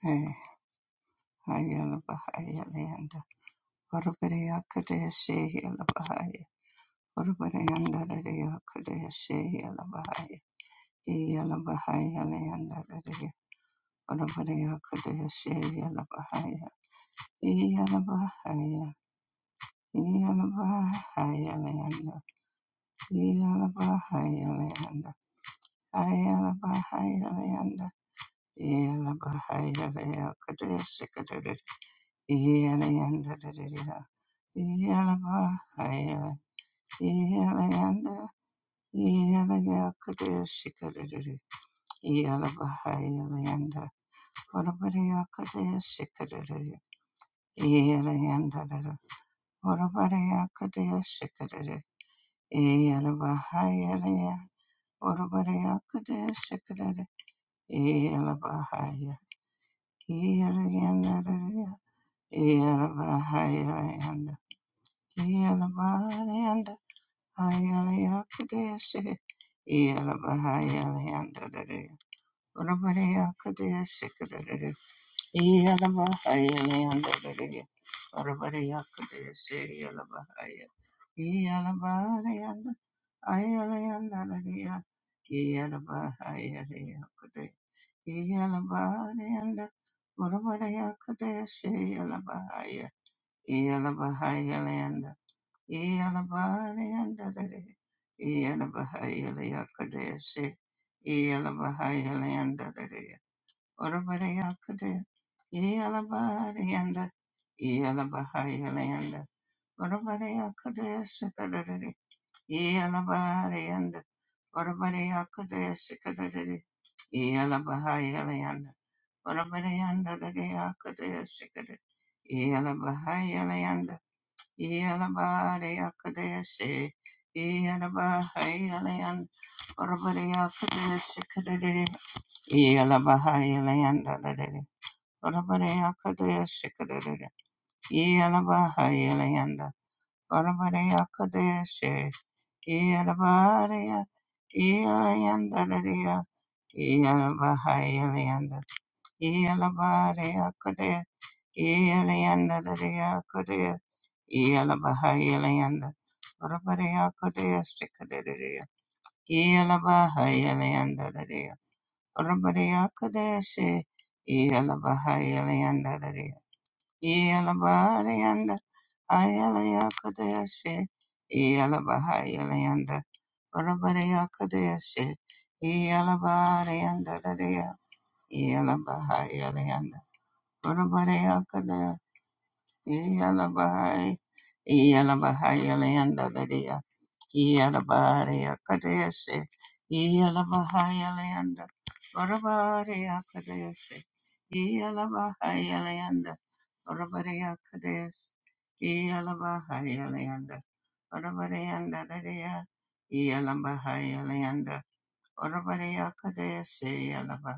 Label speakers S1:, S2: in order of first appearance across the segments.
S1: Hey, Ayala Bahaya Leanda. Urubia Kadeshi Yala Bahaya. Urubianda Radia Kadeshi Yala Bahaya. Yala Bahaya Leanda Radia. Urubia Kadeshi Yala Bahaya. Yala Bahaya. Yala Bahaya Leanda. Yala Bahaya Leanda. Ayala Bahaya Leanda. Yala Bahaya Leanda. Yeah. Hayaleyakadeshe, Yelabahayaleyandadade, Urabareyakadeshe kadadade, Yelabahayaleyandadade, Urabareyakadeshe, Yelabahaya, Yelabareyanda, Hayaleyandadadea, Yelabahayaleyakade, Yelabareyanda, Urabareyakadeshe, Yelabahaya, Yelabahayaleyanda, Yalabahayalanda, Yalabahayalanda, Yalabariakadesi, Yalabahayalayan, Orabariakadesi kadadidi, Yalabahayalayan dadadidi, Orabariakadesi kadadidi, Yalabahayalayan da, Orabariakadesi, Yalabaria, Yalayan dadadiya, Yalabahayalayan da, Yelanda Kodea Yelabaha Yelanda Urabadea Kodea Sikadea Yelabaha Yelanda Dea, Urabadea Kodea Si Yelabaha Yelanda Yelabaha Yelanda Ayelaya Kodea Si Yelabaha Yelanda Urabadea Kodea Si Yelabaha Yelanda Yelabaha Yelanda Urabadea Yalabai, Yalabai, Yalanda, Lydia, Yalabai, Akadesi, Yalabai, Yalanda, Barabari, Akadesi, Yalabai, Yalanda, Barabari, Akadesi, Yalabai, Yalanda, Barabari, Yanda, Lydia, Yalabai, Yalanda, Barabari, Akadesi,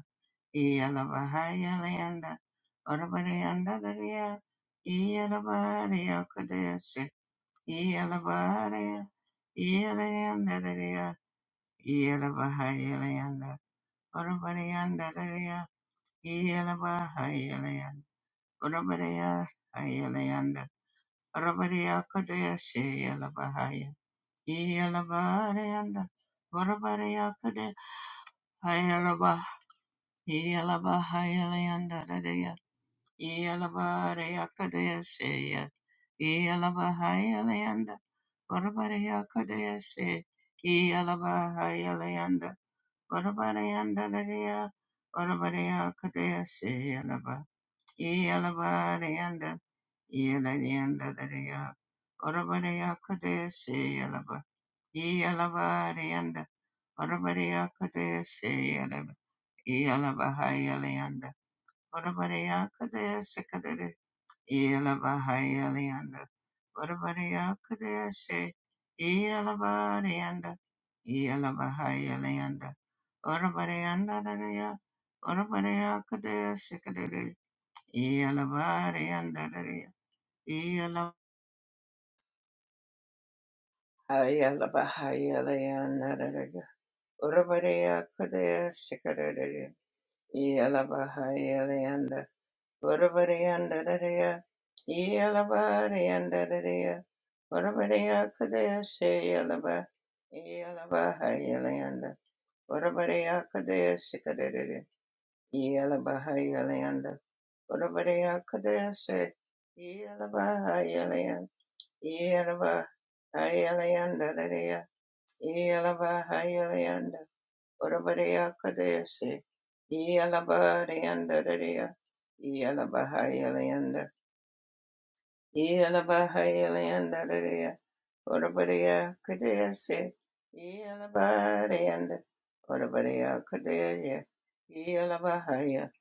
S1: Iyalabahayalayanda Orabarayandadariya Iyalabaharaya Kadayasi Iyalabaharaya Iyalayandadariya Iyalabahayalayanda Orabarayandadariya Iyalabahayalayanda Orabarayahayalayanda Orabaraya Kadayasi Iyalabahaya Iyalabaharayanda Orabaraya Kadayasi Iyalabahayalayanda Yalabarayakadayasaya. Yalabahayalayanda. Varabarayakadayasaya. Yalabahayalayanda. Varabarayandadaya. Varabarayakadayasaya. Yalaba. Yalabarayanda. Yalayandadaya. Varabarayakadayasaya. Yalaba. Yalabarayanda. Varabarayakadayasaya. Yalaba. Yalabahayalayanda. Varabareyakadayasaya. Yelabahayalianda. Orabariakadeshe. Yelabarianda. Yelabahayalianda. Orabarianda dadaya. Orabariakadeshe kadere. Yelabarianda dadaya. Yelabahayalianda dadaya. Orabariakadeshe kadere. Yelabahayalianda. Urvariyandadadaya, Yelavariyandadadaya, Urvariyakadayashayalava, Yelavahayalayanda, Urvariyakadayashikadadada, Yelavahayalayanda, Urvariyakadayashay, Yelavahayalayanda, Yelavahayalayandadadaya, Yelavahayalayanda, Urvariyakadayashay, Yelavariyandadadaya, Yelavahayalayanda, Yelabahayalandalaya, Orabariya Kadesi, Yelabarayanda, Orabariya Kadesi, Yelabahaya,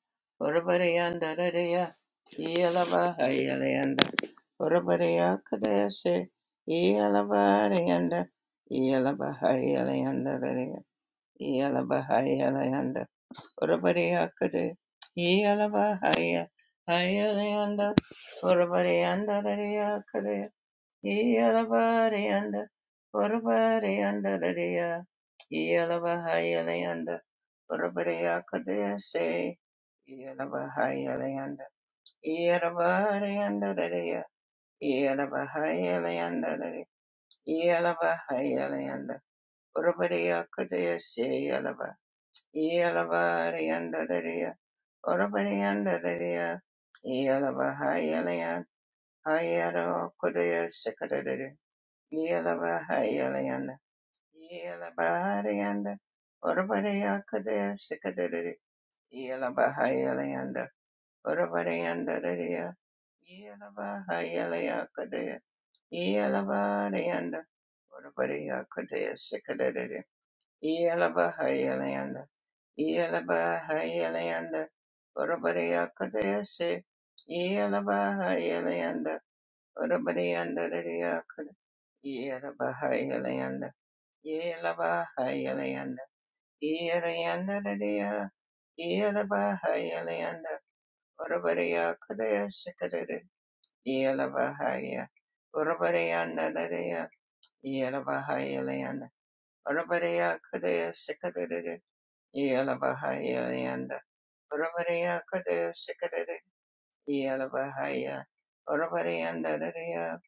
S1: Orabariyandalaya, Yelabahayalanda, Orabariya Kadesi, Yelabarayanda, Yelabahayalandalaya, Yelabahayalanda, Orabariya Kadesi, Yelabahaya, Hayalanda, Orabariyandalaya Yalabarayanda, Varabarayanda, Dadaya, Yalabahayalayanda, Varabaraya Kadayase, Yalabahayalayanda, Yalabarayanda, Dadaya, Yalabahayalayanda, Dadaya, Yalabahayalayanda, Varabaraya Kadayase, Yalaba, Yalabarayanda, Dadaya, Varabarayanda, Dadaya, Yalabahayalayanda, Hayaro Kodaya Sekadadaya, Yela Baharianda, Urabadea Kadea Sikadari, Yela Bahayelianda, Urabadayanda Daria, Yela Bahayelea Kadea, Yela Baharianda, Urabadea Kadea Sikadari, Yela Bahayelianda, Yela Bahayelianda, Urabadea Kadea Si, Yela Bahayelianda, Urabadayanda Daria Kadea, Yela Bahayelianda, Yela Yelayandaria, Yelabahayalanda, Urabariya Kudaya Sikadari, Yelabahaya, Urabariyandaria, Yelabahayalanda, Urabariya Kudaya Sikadari, Yelabahayalanda, Urabariya Kudaya Sikadari, Yelabahaya, Urabariyandaria,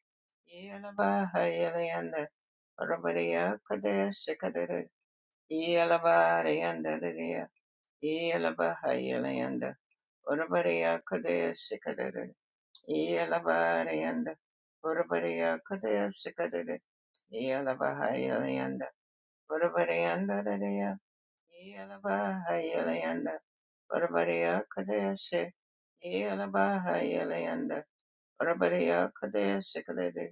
S1: Yelabahayalanda, Urabariya Kudaya Sikadari, Yelabariyandaria, Yelabahayalanda, Urabariya Kadaya Sikadada Yelabarayanda Urabariya Kadaya Sikadada Yelabahayalayanda Urabarayanda Dadaya Yelabahayalayanda Urabariya Kadaya Se Yelabahayalayanda Urabariya Kadaya Sikadada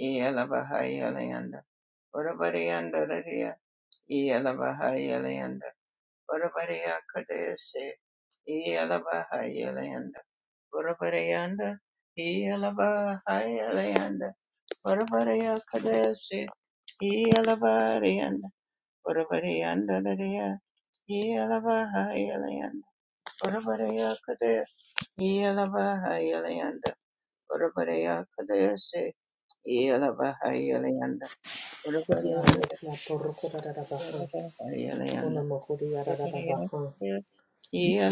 S1: Yelabahayalayanda Urabarayanda Dadaya Yelabahayalayanda Urabariya Kadaya Se Yelabahayalianda. Varavarayanda Iyalavarayanda Varavarayakadasi Iyalavarayanda Varavarayanda Dadaya Iyalavarayanda Varavarayakadaya Iyalavarayanda Varavarayakadasi Iyalavarayanda Varavarayanda
S2: Kodiaraki atorokodadabaha.
S1: Iyalavarayanda Varavarayakadaya Iyalavarayanda
S2: Monomokodiyadadabaha.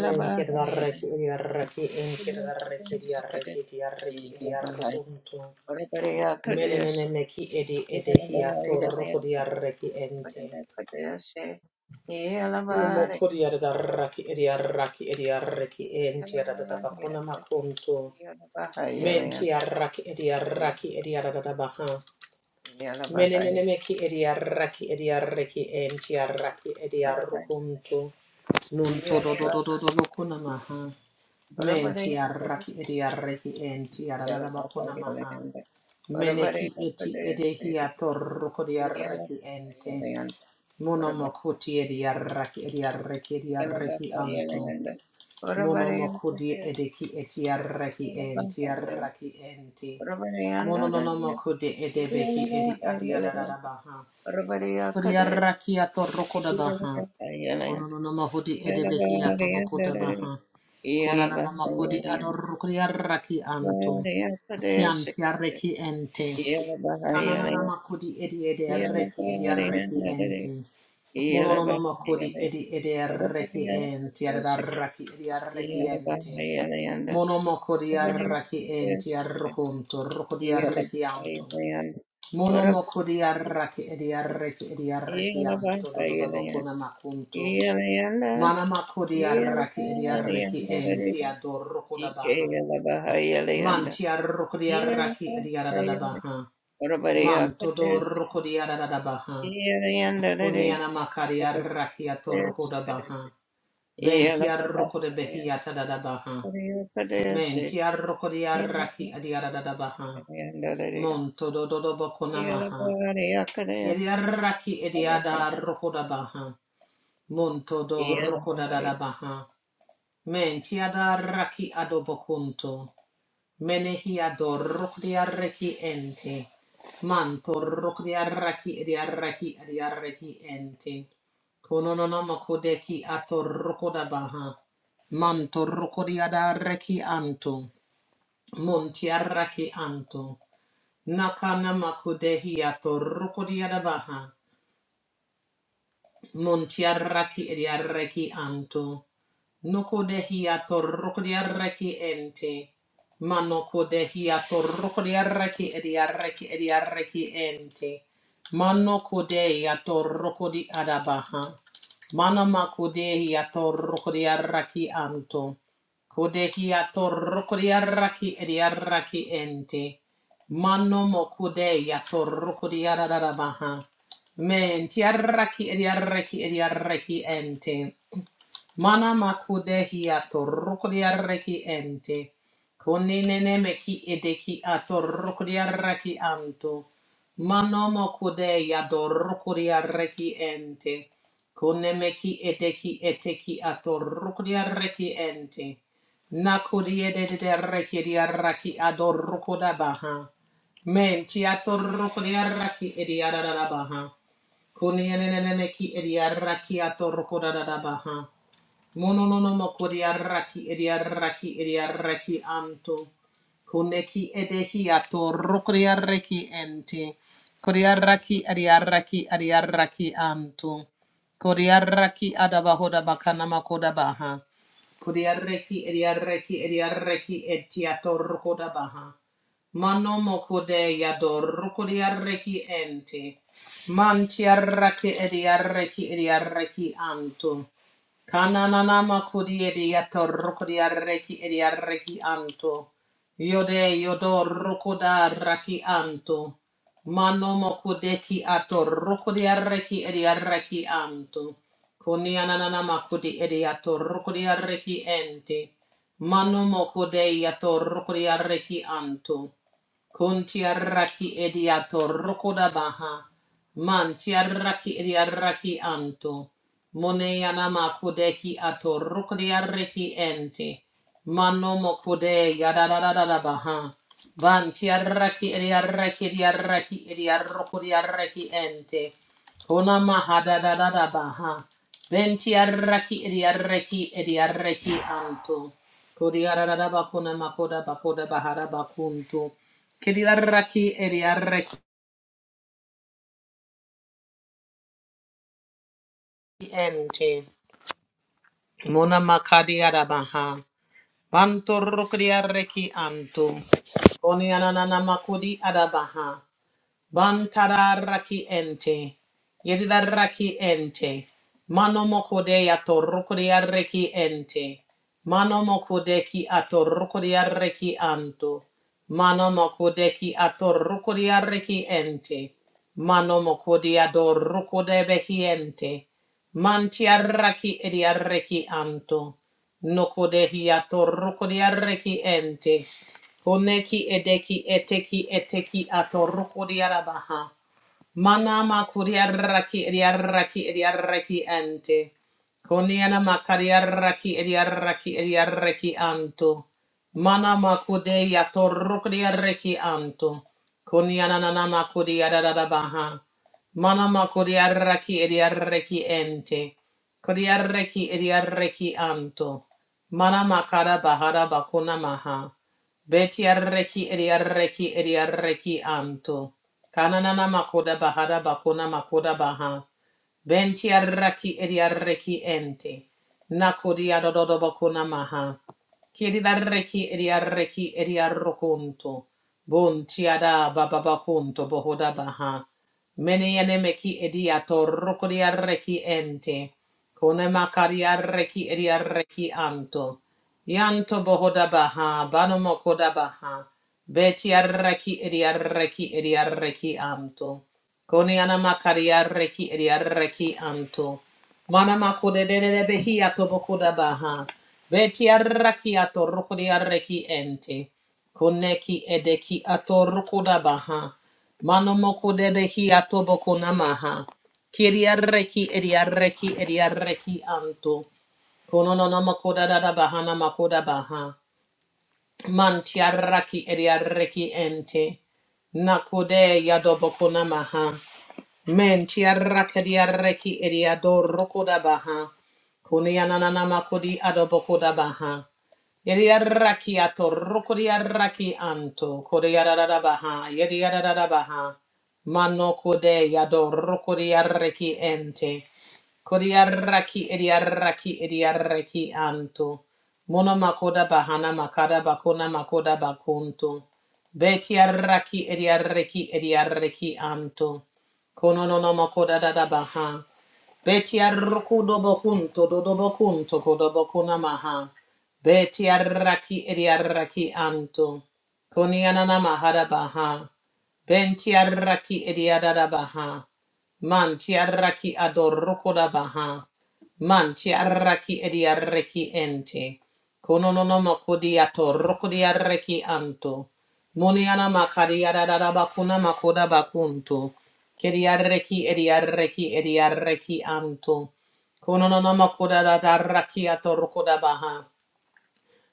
S2: Menkiridaraki idiaraki inkiridaraki idiaraki idiaraki idiarokuntu.
S1: Iyalavarayanda
S2: Menenemeki edi
S1: Yeah.
S2: edehi atorokodiaraki ente. Monomokodiyadadaraki idiaraki idiaraki entiyadadabakuna makuntu. Mentiaraki idiaraki idiadadabaha. Menenemeki idiaraki idiaraki entiyaraki idiarokuntu. Nun to do do do do do do kuna maha. Men ti arraki edi arreki en ti ararara bakuna maha. Meneki eti edehi atorruko di arreki ente. Mono mokuti edi arraki edi arreki edi arreki anto. Mono mokudi edeki eti arreki en ti arraki ente. Mono no no mokudi edebeki edi adi ararara baha. Kodiarakia to rokodabaha. Konononomahudi edebehia to bokodabaha. Konananamakodi adorokodiaraki anto. Kian tiareki ente. Kanananamakodi edi ediareki ediareki ente.
S1: Yeah,
S2: Monononomakodi edi ediareki ente. Adaraki ediareki ente. Monomokodi araki ente arrokonto rokodiareki anto. Mono moko di arraki edi arreki edi arreki anto do do do boko na makunto.
S1: Yeah,
S2: Mana mako di arraki edi arreki enti adoroko da baha. Manti arroko di arraki edi arada da baha. Manto do roko di arada da baha. Poniana makari arraki atoroko da baha. Venti arroko de behi atada da baha. Menti arroko di arraki edi arada da baha. Monto do do do boko na maha. Yediaraki ediada rokoda baha. Monto do rokoda da da baha. Men tiada raki adobokunto. Menehia do rokodia reki ente. Manto rokodia raki ediaraki ediaraki ente. Kononona makodeki ato rokoda baha. Manto rokodia da reki anto. Montiaraki anto. Nakana makodehi ato rokodia da baha. Montiarraki ediarreki anto. Noko dehiato rokodiarreki ente. Manoko dehiato rokodiarreki ediarreki ediarreki ente. Manoko dehiato rokodi adabaha. Manamako dehiato rokodiarreki anto. Kodehiato rokodiarreki ediarreki ente. Manomo kodehiato rokodiaradabaha. Men tiaraki ediaraki ediaraki ente. Mana makudehi atorukodiaraki ente. Koninene meki edeki atorukodiaraki anto. Mano mokude yadorukodiaraki ente. Konemeki edeki eteki atorukodiaraki ente. Nakodiedediaraki ediaraki adorrukodabaha. Men tiatorukodiaraki ediarabaha. Kuni enenene meki ediaraki atoroko da da da Mononono kodiaraki ediaraki ediaraki anto. Koneki edehiato rokodiaraki ente. Kodiaraki adiaraki adiaraki anto. Kodiaraki adabahoda bakana makoda baha. Kodiaraki ediaraki ediaraki etiato rokoda baha. Mano mokode yador rokodiaraki ente. Mantiaraki ediaraki ediaraki anto. Kananana kodiedi ato rokodiareki ediareki anto. Yode yodo rokoda raki anto. Mano mokodeki ato rokodiareki ediareki anto. Konianana kodi edi ato rokodiareki ente. Mano mokodei ato rokodiareki anto. Kuntiaraki ediato rokoda baha. Mantiaraki ediareki anto. Mone yanama kudeki ato rukriareki ente. Manomo kude yadadadada baha. Vantiaraki eriaraki eriaraki eriarokuriaraki ente. Konama hadadadada baha. Ventiaraki eriaraki eriaraki anto. Kodiarada bakuna makoda bakoda bahara bakunto. Kiriaraki eriaraki ente. Mona makadiara baha. Banto rokria reki anto. Koni ananana makudi adabaha. Bantara raki ente. Yedida raki ente. Mano mokode yato rokria reki ente. Mano mokode ki ato rokria reki anto. Mano mokode ki ato rokria reki ente. Mano mokode ador rokode behi ente. Mantiaraki ediareki antu. Noko de hiato roko de arreki ente. Koneki edeki eteki eteki ato roko de arabaha. Manama kuriaraki idiaraki idiaraki ante. Koniana makariaraki idiaraki idiaraki anto. Manama kude yatorukriaraki anto. Koniana nanama kuriarabaha. Manama kuriaraki idiaraki ente. Kuriaraki idiaraki anto. Manama kara bahara bakuna maha. Betiaraki idiaraki idiaraki anto. Kananana makoda bahada bakona makoda baha. Benti arraki edi arreki ente. Nakodi adododo bakona maha. Kiri darreki edi arreki edi arrokonto. Bonti ada baba bakonto bohoda baha. Mene yene meki edi atorroko di arreki ente. Kone makari arreki edi arreki anto. Yanto bohoda baha. Bano mokoda baha. Beti arraki edi arraki edi arraki anto. Koni anama kari arraki edi arraki anto. Mana makude de de behi ato bokuda baha. Beti arraki ato rukudi arraki ente. Koneki edeki ato rukuda baha. Mano mokude behi atoboko namaha. Kiri arraki edi arraki edi arraki anto. Kono no no makuda da da baha na makuda baha. Mantiaraki ediareki ente. Nakode yadobokonamaha. Mentiaraki ediadorokodabaha. Kunianananamakodi adobokodabaha. Ediaraki atorokodiaraki anto. Kodeadadabaha. Yediadadabaha. Manokode yadorokodiareki ente. Kodiaraki idiaraki idiaraki anto. Mona makoda bahana makada bakona makoda bakunto. Betiaraki idiaraki idiaraki anto. Kono no no makoda da da baha. Beti arruku dobo kunto dodobo kunto kodobo kunamaha. Beti arraki edi arraki anto. Koni ananama harabaha. Benti arraki edi adadabaha. Manti arraki adorruku dabaha. Manti arraki edi arraki ente. Kono no no makodi atorruku di arraki anto. Moni anama kadi adadaba kunama kodabakunto. Kiriarreki ediarreki ediarreki anto. Kononono makoda da da rakia torukoda baha.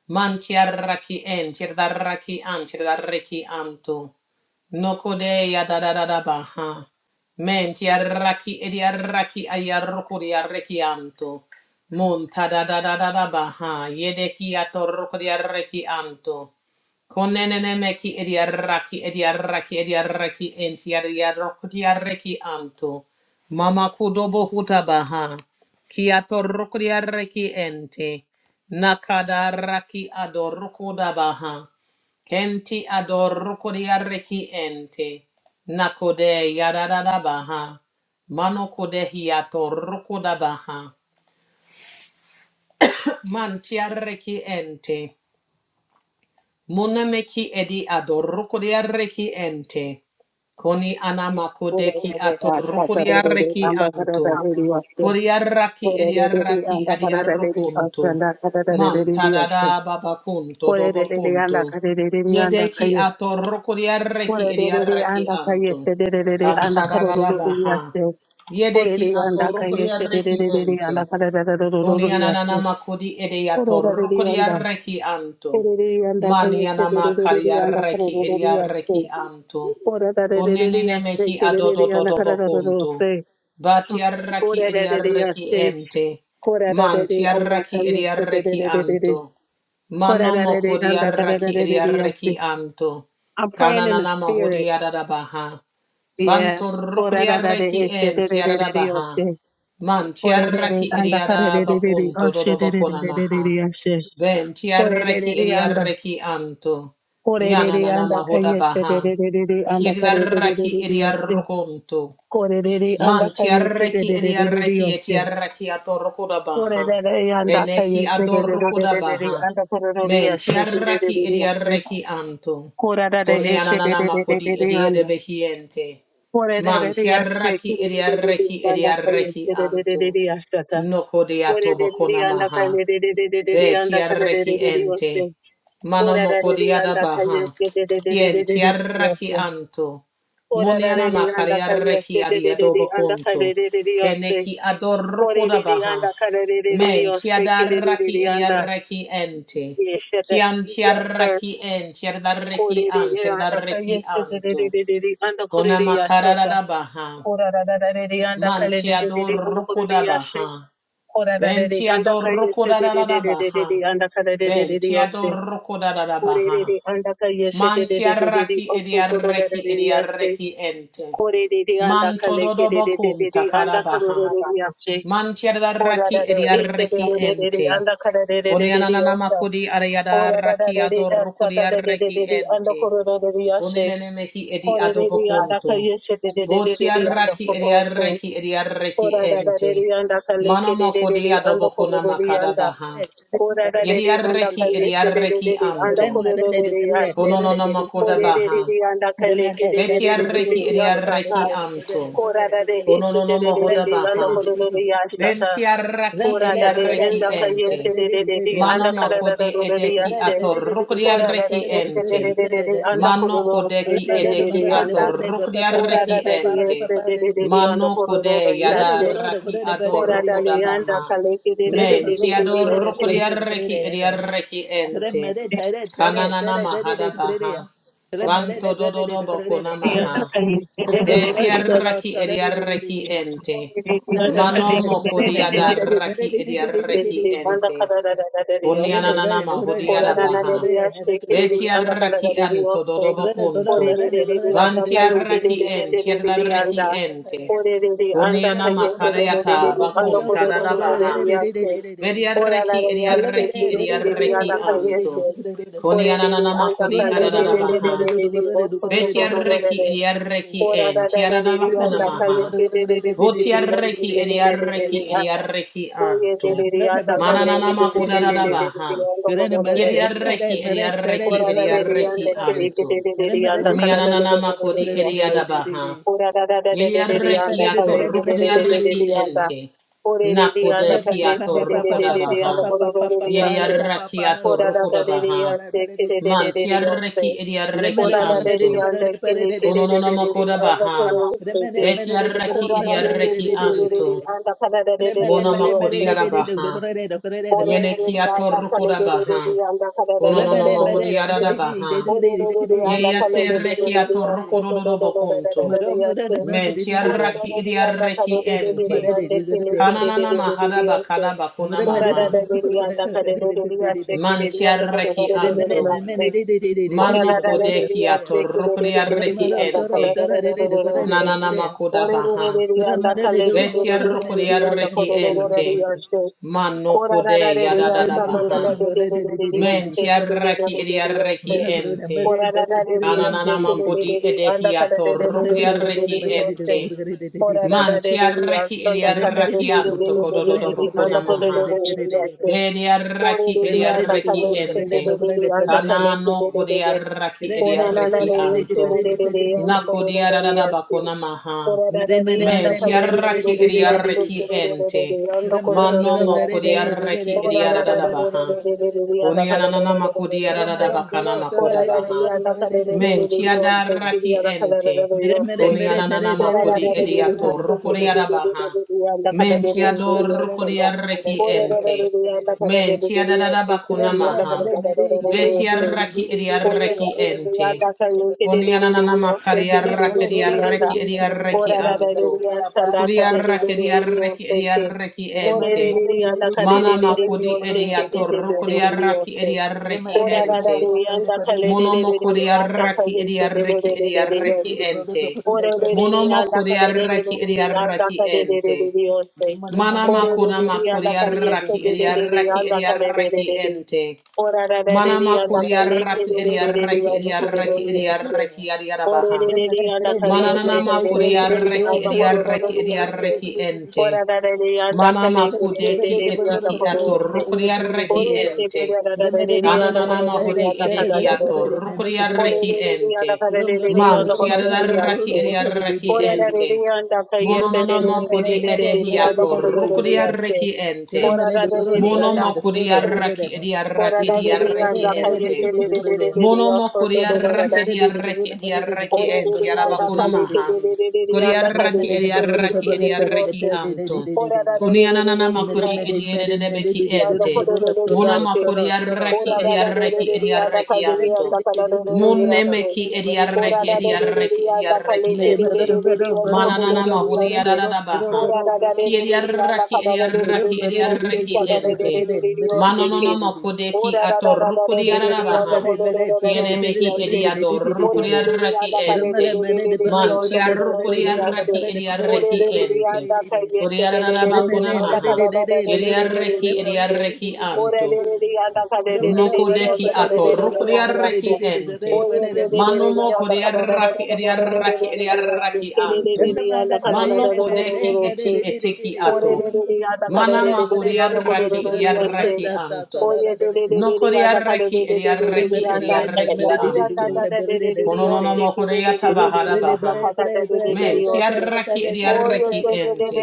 S2: Man tiaraki en, tiaraki an, tiaraki anto. Noko de ya da da da da ba ha. Men tiaraki ediaraki ayaroko diaraki anto. Mon ta da da da da da ba ha. Yedeki atoroko diaraki anto. Konenene meki ediaraki ediaraki ediaraki en tiarako diaraki anto. Mama kudobo hutabaha. Kiatoroko diaraki ente. Nakadaraki adorokodabaha. Kenti adorokodiareki ente. Nakode yadadabaha. Manokodehiatorokodabaha. Mantiareki ente. Munameki edi adorukudiareki ente. Koni
S3: Yes.
S2: anamakodeki atorukudiareki anto. Kuriaraki ediaraki adiarukunto. Man tadada babakunto dobokunto. Yedeki atorukudiareki ediareki anto. Kantadada baha. Yedeki atorukudiareki ente. Koni anana makudi edeyato rukudi arreki anto. Mani anama kari arreki edi arreki anto. Unenene mehi adodododo bokunto. Bati arreki edi arreki
S3: Korererereyase,
S2: ente.
S3: korererere
S2: Manti arreki edi arreki
S3: andakayesererererere,
S2: anto. Mano
S3: korererere
S2: mokudi arreki edi arreki
S3: andakaderererereyase.
S2: anto.
S3: I'm praying in the
S2: Kananana mahudi
S3: spirit.
S2: adadabaha. Banto
S3: Yes.
S2: rokriarreki
S3: Korererereyase,
S2: en
S3: korerere
S2: tiarada baha. Man tiarraki ediada bakun dodo bakuna maha.
S3: andakaderererereyase.
S2: Ben
S3: Korerere
S2: tiarraki
S3: anda-
S2: ediarreki anto. Yana
S3: korerere
S2: nana mahoda baha.
S3: andakayeserererere,
S2: Kiediarraki
S3: andakaderererereyase.
S2: ediarrokonto.
S3: Korerere
S2: Man tiarreki ediarreki
S3: andakayeserererereyase.
S2: etiarreki atorrokoda
S3: Ore
S2: baha.
S3: re re yanda kaye
S2: Eneki
S3: sege re re re re
S2: adorrokoda
S3: re re
S2: baha.
S3: yanda Kore re re
S2: Men
S3: yashe re re re
S2: tiarraki
S3: re yashe
S2: ediarreki anto.
S3: kora re re
S2: Koni
S3: eshe re
S2: ananana
S3: re re re
S2: makodi
S3: re re yanda
S2: ediedebehiente.
S3: kore re re
S2: Man
S3: re yashe
S2: tiarraki
S3: Kore re re re re
S2: ediarreki
S3: yanda kaye
S2: ediarreki
S3: sege re re re
S2: anto.
S3: re yashe ta
S2: Noko de
S3: Kore re re re
S2: atobakona
S3: yanda kaye
S2: maha.
S3: re re re re re re
S2: Ve
S3: yanda Kore re re re
S2: tiarreki
S3: re yashe
S2: ente.
S3: kora
S2: Mano
S3: re re re
S2: mokodiada
S3: yanda kaye
S2: baha.
S3: sege re re re
S2: Kien
S3: re re re
S2: tiarreki
S3: yashe
S2: anto.
S3: kora re re
S2: Muniana
S3: re yanda kaye
S2: makariarreki
S3: sege re re re
S2: adiadoba conto.
S3: yanda
S2: Keneki
S3: Kore
S2: adorroko da baha.
S3: re re re
S2: Men
S3: yashe Kore
S2: tiadarraki
S3: ta. Ora
S2: ediarreki ente.
S3: Yes, sir.
S2: Kian
S3: Yes, sir.
S2: tiarraki en tiardarreki an
S3: Korerere andaka
S2: tiardarreki anto.
S3: yesererererere
S2: Kona
S3: andakorere yasata.
S2: makarada baha.
S3: Korararararere
S2: Man
S3: andakarerererere
S2: tiadorroko
S3: andakorere
S2: da
S3: yashe.
S2: baha. Ben
S3: Korarararere andaka
S2: tiadorroko da da da da
S3: yesererererere
S2: baha. Ben
S3: andakarerererere
S2: tiado
S3: yose.
S2: roko da da da baha.
S3: Korerere andaka
S2: Man
S3: yesererererere
S2: tiaraki
S3: oso
S2: ediareki
S3: korarararere yase.
S2: ediareki ente.
S3: Korerere
S2: Man tododo bokum
S3: andakarekerererere
S2: takada baha.
S3: andakarerererere yashe.
S2: Man tiadaraki
S3: Korarararere
S2: ediareki
S3: esererererere
S2: ente.
S3: andakarerererere
S2: Onianana
S3: yose.
S2: makudi ariada
S3: Ora da da
S2: raki
S3: de de
S2: adoroko
S3: asa da da de de
S2: diareki
S3: de de anda
S2: ente.
S3: koro da de de ashe.
S2: Onenene mehi edi
S3: Ore de de anda ka
S2: adobokunto.
S3: yeshe de de de de de de anda
S2: Botiaraki
S3: koro se.
S2: ediareki ediareki
S3: Ora da da de
S2: ente.
S3: de anda ka leke
S2: Mano
S3: de de de
S2: mokodi
S3: de anda koro
S2: adobokuna
S3: de de
S2: makada
S3: anda.
S4: Remember
S2: baha.
S3: Ora da de de anda
S2: Yediareki
S3: ka yeshe de de de
S2: ediareki
S3: de anda
S2: anto.
S3: koro de de de ashe.
S2: Kononono
S3: Ore
S2: makoda
S3: de
S2: baha.
S3: de de anda ka leke de de
S2: Beti
S3: de de de
S2: arreki
S3: de de
S2: edi
S3: asa ta.
S2: arreki anto.
S3: Ora da de ishe
S2: Kononono
S3: de de de de
S2: mahoda
S3: de anda
S2: baha.
S3: koro de de asa ta.
S2: Ventiaraki
S3: Ora da de
S2: ediareki
S3: anda ka
S2: ente.
S3: yeshe de de de de
S2: Mano
S3: anda kara da da
S2: makode
S3: de de
S2: edeki
S3: ashe. Ora da de
S2: atorukriareki
S3: este de
S2: ente.
S3: de de de de anda
S2: Mano
S3: corro se
S2: kodeki
S3: de de de
S2: edeki
S3: de anda. Ora
S2: atorukriareki
S3: da de de
S2: ente.
S3: este de de de de anda
S2: Mano
S3: corro
S2: kode
S3: de
S4: Brother,
S3: yaste.
S4: brother,
S2: yadaraki
S4: brother, brother, brother,
S3: Ora
S4: brother,
S3: da
S2: adorokoda
S3: de anda
S2: baha
S3: kale de de de
S4: brother, brother,
S3: de de
S2: Menti
S3: de
S4: brother,
S3: de de
S4: brother,
S3: oste.
S4: brother,
S2: adorukriareki
S4: brother,
S2: ediareki
S4: Kere mere
S2: ente.
S4: dere dere dere
S2: Kananana
S4: dere dere
S2: mahada
S4: kere dere ya.
S2: baha
S4: Kere mere dere
S2: Banto
S4: dere
S2: dododo
S4: dere kere
S2: boko
S4: dere
S3: De
S4: kere dere.
S3: anda
S2: namaha.
S3: kale se de
S4: Kere
S3: de de de
S4: mere dere
S3: de.
S4: dere
S2: Betiaraki
S4: dere dere dere
S2: ediaraki
S4: dere dere.
S2: ente.
S3: Ora de de
S4: Kere
S3: anda
S4: mere
S3: kale de
S2: Mano
S4: mere
S3: de de
S4: mere
S3: de
S4: mere mere
S3: de de
S2: mokodiada
S3: de.
S4: mere dere dere
S2: raki
S4: dere
S3: Se
S4: dere
S2: ediaraki
S3: de
S4: dere dere.
S3: anda
S2: ente.
S3: kala da da da de
S4: Kere
S3: oste.
S4: mere
S2: Bunyanana
S4: dere dere
S3: Ora
S2: mahodiada
S4: dere dere kere dere
S2: baha.
S4: kere dere dere
S3: shekerere,
S4: dere dere.
S2: Betiaraki anto
S3: andakarararariyose.
S4: Thank
S2: dodobokunto.
S3: Korerererere,
S2: Bantiaraki
S3: andakarekererererere,
S2: entiadaraki
S3: anda.
S2: ente.
S3: Korerere,
S2: Kuniana makarayata
S3: andakayekerererere,
S2: bakunta dadabaha.
S3: andakorerererereriyase.
S2: Betiaraki
S3: Korarararariyase,
S2: ediaraki
S3: kerererere,
S2: ediaraki
S3: andakayese.
S2: anto. Kuniana
S3: Korerere,
S2: nana makodi adadabaha. Betiarreki
S3: andakarekerererereriyose,
S2: ediarreki
S3: Ora
S2: en
S3: da da de de de
S2: tiaradabakuna
S3: anda kale
S2: maha.
S3: ke de de de de de de bosu
S2: Votiarreki
S3: de de de de de de
S2: ediarreki
S4: you.
S3: anda.
S2: ediarreki
S3: Oye
S4: Remember
S3: de de
S2: anto.
S3: de anda kale ke
S2: Mananana
S3: de de de de de de de de
S2: makudadabaha.
S3: anda kodo de de de de yasu.
S2: Ediarreki ediarreki
S3: Ora da de de anda
S2: ediarreki
S3: ke de ke
S2: anto.
S3: de de de de anda kada de de
S2: Unianana
S3: de de de
S2: makudi
S3: de yasu.
S2: ediadabaha.
S3: Ora da da da de de de de
S2: Ediarreki
S3: anda
S2: ato
S3: kale ke de de de de de
S2: rukudiarreki
S3: de anda.
S2: ente.
S3: Ore de de anda
S2: Nakudeki
S3: kale
S2: ato
S3: ke de de de de de anda
S2: rukudabaha.
S3: kodo de de de yasu.
S2: Ediarreki ato
S3: Ora da da de de
S2: rukudabaha.
S3: yasu ke de de de de de yasu.
S2: Mantiarreki ediarreki
S3: Kora da de de
S2: anto.
S3: anda kene kene de de de de
S2: Konononomakoda
S3: ande
S2: baha.
S3: koro se de.
S2: Beti arraki
S3: Kora
S2: idi
S3: da de de se
S2: arraki
S3: de de de
S2: anto.
S3: de ande kada da de
S4: Mother,
S3: de de de de
S2: Monomokodi
S3: se.
S2: arabaha.
S3: Ore
S2: Yeneki
S3: de de de ande kane
S2: atorrukoda
S3: de de de de
S2: baha.
S3: ande kada da da da de de
S2: Konononomahudi
S3: de se.
S2: arabaha.
S3: Ore de de de ande kade
S2: Yeyate
S3: de de de de de
S2: reki
S3: se de de de
S2: atorrukododo
S3: de de de
S2: bokunto.
S3: de de se.
S2: Menti
S3: Ore de
S2: arraki
S3: de de
S2: idi
S3: ande
S2: arraki
S3: kade de de de de
S2: ente.
S3: ande kene kene de de
S2: Kananana
S3: de de
S2: mahada
S3: de se.
S2: bakada bakuna
S3: Ora da
S2: maha.
S3: da de de ande kade de de de de se kene de
S2: Manti
S3: ande kore de
S2: arraki
S3: de de de de
S2: anto.
S3: se. Ora
S2: Mano kodeki atorrukodi arraki ente. Ananana makoda baha. Vetiarro kodiarreki ente. Manno kode
S4: Remember,
S2: yadadada baha. Mentiarreki idiarreki ente. Anananama kodi edehiato rokodiarreki ente. Mantiarreki idiarreki anto kodododo bokona maha. Bediarraki ediarraki ente. Kanano kodiaraki,
S3: Ora na na
S2: ediarraki
S3: na ye che
S2: anto.
S3: ro re re re onda ko
S2: Nako
S3: ro ro ro re
S2: diarada
S3: ya che.
S2: bakona maha.
S3: Ora na na re onda
S2: Men
S3: ka de re de de de,
S2: tiaraki,
S3: re ya che
S2: ediarraki
S3: che ro ro ro ro
S2: ente.
S3: re onda ko ro ro
S2: Mano
S3: ro re ya
S2: moko
S3: che.
S2: diarraki
S3: Ora na na na re
S2: ediarada
S3: re
S2: baha.
S3: re re re re onda
S2: Koni
S3: ka de re
S2: ananana
S3: re de de de
S2: makodi
S3: re ya
S4: Doro
S3: che.
S2: adada
S4: mero
S2: bakana
S4: doro doro
S3: Ora
S2: makuda
S4: de
S3: na
S4: de
S3: re
S2: baha.
S4: doro
S3: onda ka
S4: pare
S3: de
S4: de
S3: re
S4: de de
S3: re re
S4: de
S3: re re
S2: Menti
S4: de
S3: ya
S4: de
S2: tiada
S3: che che re
S2: raki
S3: onda ka de re re
S2: ente.
S3: ro
S4: mere
S3: ya
S4: mere
S3: che.
S2: Koni
S4: mere
S2: ananana
S4: mere
S3: Ora
S4: dere
S3: na
S4: de de
S2: makodi
S3: na re
S4: de
S3: re
S4: de
S3: re
S4: de
S3: ya
S4: de
S2: ediato
S4: de
S3: che
S4: de
S3: che
S4: mere
S2: rokori
S3: re re
S4: mere
S3: re re
S2: adabaha.
S3: re re onda ka de re
S2: Menti
S3: re re
S4: mere
S3: re
S2: tiado
S3: ya
S4: mere de
S3: che.
S2: rokori
S4: gore de de de
S2: arreki
S4: de de
S3: Ora na
S4: de
S3: na re
S2: ente.
S3: re onda ka de
S4: de
S3: de de
S2: Menti
S3: de, re
S2: tiada
S3: ya
S2: dada
S3: che che
S4: de
S2: bakuna
S3: re onda
S4: mere mere
S3: ka de
S2: maha.
S4: mere
S3: re re ro
S4: mere
S3: ro
S2: Veti
S4: de de de de
S3: ya che.
S2: arraki
S4: de de de de
S3: Oye,
S4: de de
S2: ediarreki ente.
S3: anda
S4: de
S3: sanu que de
S2: Koni
S3: de de de
S2: ananana
S3: Dios sé
S2: makari
S3: que
S4: mere
S3: de
S4: mere
S3: de
S2: arraki
S3: de
S4: mere de
S3: de de
S4: de
S3: anda
S4: de de
S2: ediarreki
S4: de de de
S3: kayo,
S2: ediarreki
S4: gore
S2: anto.
S3: kededededede, ose, de de anda. Oradadadede,
S4: sakya la para
S3: asanda,
S2: Kuri
S4: para
S2: arraki
S4: para
S3: kadedededede,
S4: de de de
S2: ediarreki
S3: de ke.
S2: ediarreki
S4: mere mere
S2: ente.
S4: mere
S3: Korededede,
S4: de de
S3: anda,
S4: de
S2: Mana
S4: gore
S3: kadedededede,
S4: pare de
S2: makodi
S4: gore
S3: ose, kededededede, ose. de Dios sé
S4: de de
S3: que
S4: de
S3: de
S2: ediato
S4: mere
S3: de de de de Dios
S2: rokodiaraki
S3: sé.
S2: ediareki
S4: mere
S3: Ora
S4: mere de
S3: da da
S4: gore
S2: ente.
S3: de
S4: pare de gore
S3: anda,
S4: de
S3: kaledededede, anda,
S4: de de
S2: Monomokodiaraki ediareki
S3: kayesededededede, ose. de de de de de de Dios
S2: ediareki
S3: sé.
S2: ente.
S3: Ore de de de anda, ca de de de de
S2: Monomokodiaraki
S3: de de anda,
S2: ediareki
S3: kadedededede, ose. de de de
S2: ente.
S3: Dios sé.
S2: Mana
S3: Ore de
S2: makona
S3: de de anda, ca Yesu
S2: makodiaraki
S3: de de de de
S2: ediareki
S3: anda, ca de. de
S2: ediareki
S3: de de
S2: ente.
S3: Ora ra ra re
S2: Mana
S3: ri anda ka le ke
S2: makodiaraki
S3: re re re re ri
S2: ediareki
S3: anda ko re re
S2: ediareki
S3: ri ese.
S2: ediareki
S3: Ore re
S2: adiarabaha.
S3: re ri anda ka ri ese
S2: Mananana
S3: re re re re re ri
S2: makodiaraki
S3: anda ko re re re
S2: ediareki
S3: ri ese.
S2: ediareki ente.
S3: Ora ra ra re anda ka le
S2: Manama
S3: ke re re re
S2: kudeki
S3: re ri anda
S2: eteki
S3: ko re
S2: ato
S3: ese.
S2: rukuriareki
S3: Ore ese re
S2: ente.
S3: ra ra ra re re ri anda ko re
S2: Ananama
S3: re ri
S2: hodi
S3: anda ka ra
S2: edehi
S3: ra ra
S2: ato
S3: re re. Ore
S2: rukuriareki
S3: re re ri
S2: ente.
S3: anda ka re re re ri
S2: Man
S3: anda ko re re ri
S2: tiararaki
S3: ese.
S2: ediareki
S3: Ora ra re
S2: ente.
S3: ri anda ka
S4: Mere
S3: ese re re
S2: Mononama
S4: mere
S3: re
S2: kudi
S3: re re re
S2: edehi
S3: ri anda
S2: ato
S3: ko re re ri ese.
S2: rukuriareki ente.
S3: Ora ra ra re ri
S2: Monoma kudi
S3: anda.
S2: araki
S3: Ora
S2: ediareki
S3: da de de
S2: diareki
S3: anda kaye se
S2: ente.
S3: de de de de de de
S2: Monomo
S3: oso to do do da da.
S2: koriaraki diaraki diaraki
S3: Ora de
S2: enti
S3: de anda
S2: arabakuna
S3: kaye se
S2: maha.
S3: de de de de de anda kaye
S2: Koriaraki
S3: oso to do
S2: ediaraki
S3: do do de
S2: ediaraki
S3: oso.
S2: anto.
S3: Ora da de de de de
S2: Unianana
S3: de de de
S2: makodi ediedebeki
S3: anda ko
S2: ente.
S3: do do do de
S2: Monama
S3: ase.
S2: koriaraki
S3: Ora da da de de
S2: ediaraki
S3: de de anda
S2: ediaraki
S3: kaye
S2: anto.
S3: anda kala do do do de ase.
S2: Monemeki
S3: Ora
S2: ediaraki
S3: da de de de de
S2: ediaraki
S3: anda
S2: ediaraki
S3: kale ke
S4: Mere
S3: de de
S4: mere mere
S3: de
S2: ente.
S3: de
S4: mere
S3: de anda
S4: mere mere
S3: kono de
S2: Mananana
S3: de de
S4: mere mere mere
S3: oste.
S2: mahodiaradabaha.
S3: Ora
S4: mere
S3: da da de de de de anda
S2: Kiriaraki
S3: kada de de de
S4: mere
S3: de
S2: ediaraki
S3: de de
S4: mere de de
S3: oste
S4: de
S2: ediaraki
S3: kada
S4: guru
S3: de
S4: ne
S3: de
S2: ente.
S3: de de
S4: mere de
S3: de de
S4: mere de de
S3: oste
S4: de de
S3: ke.
S2: Manonona
S4: de
S2: makodeki
S3: Ora da da da da de de de
S4: mere
S3: de
S4: mere
S2: atorukodiarabaha.
S3: anda
S4: mere mere
S3: kono de de de de
S4: mere
S2: Kiene
S3: de de
S2: mehi
S4: de mere
S3: oste.
S4: de mere de de de
S2: ediador
S4: de de de
S3: Ore
S4: de
S3: de de de
S2: raki
S3: anda kada
S4: mere
S3: de de
S2: ente.
S4: mere
S3: de
S4: mere
S3: de
S4: de
S3: de de
S2: Man
S4: balloon
S3: anda
S4: mere de
S3: kono
S2: chiarro
S3: de de
S4: mere de
S3: de
S4: guru ne
S3: oste.
S2: raki
S4: mere de mere de
S3: Ore
S2: ediarreki
S4: de
S3: de de de
S4: de
S2: ente.
S4: de
S3: anda
S4: de
S3: kai
S4: de
S3: yeste de de
S4: Bro,
S3: de
S2: Kuriararaba
S3: de de anda
S2: kunamaha.
S3: kala da da de de de de de
S2: Ediarreki
S3: de oste.
S2: ediarreki
S3: Ora
S2: anto.
S3: de de de anda kada de de de de
S2: Unoko
S3: de
S2: deki
S3: anda kono de
S2: ato
S3: de de
S2: roko
S3: de
S2: de
S3: de oste.
S2: arreki ente.
S3: Oh,
S2: Mano moko de arraki e de arraki e arraki anto. Mano kodeki eti eteki ato. Mana mako de arraki e arraki anto. Noko de arreki e de arraki e anto. Kono no no mo korea tabahara baha. Men tiaraki ediaraki ente.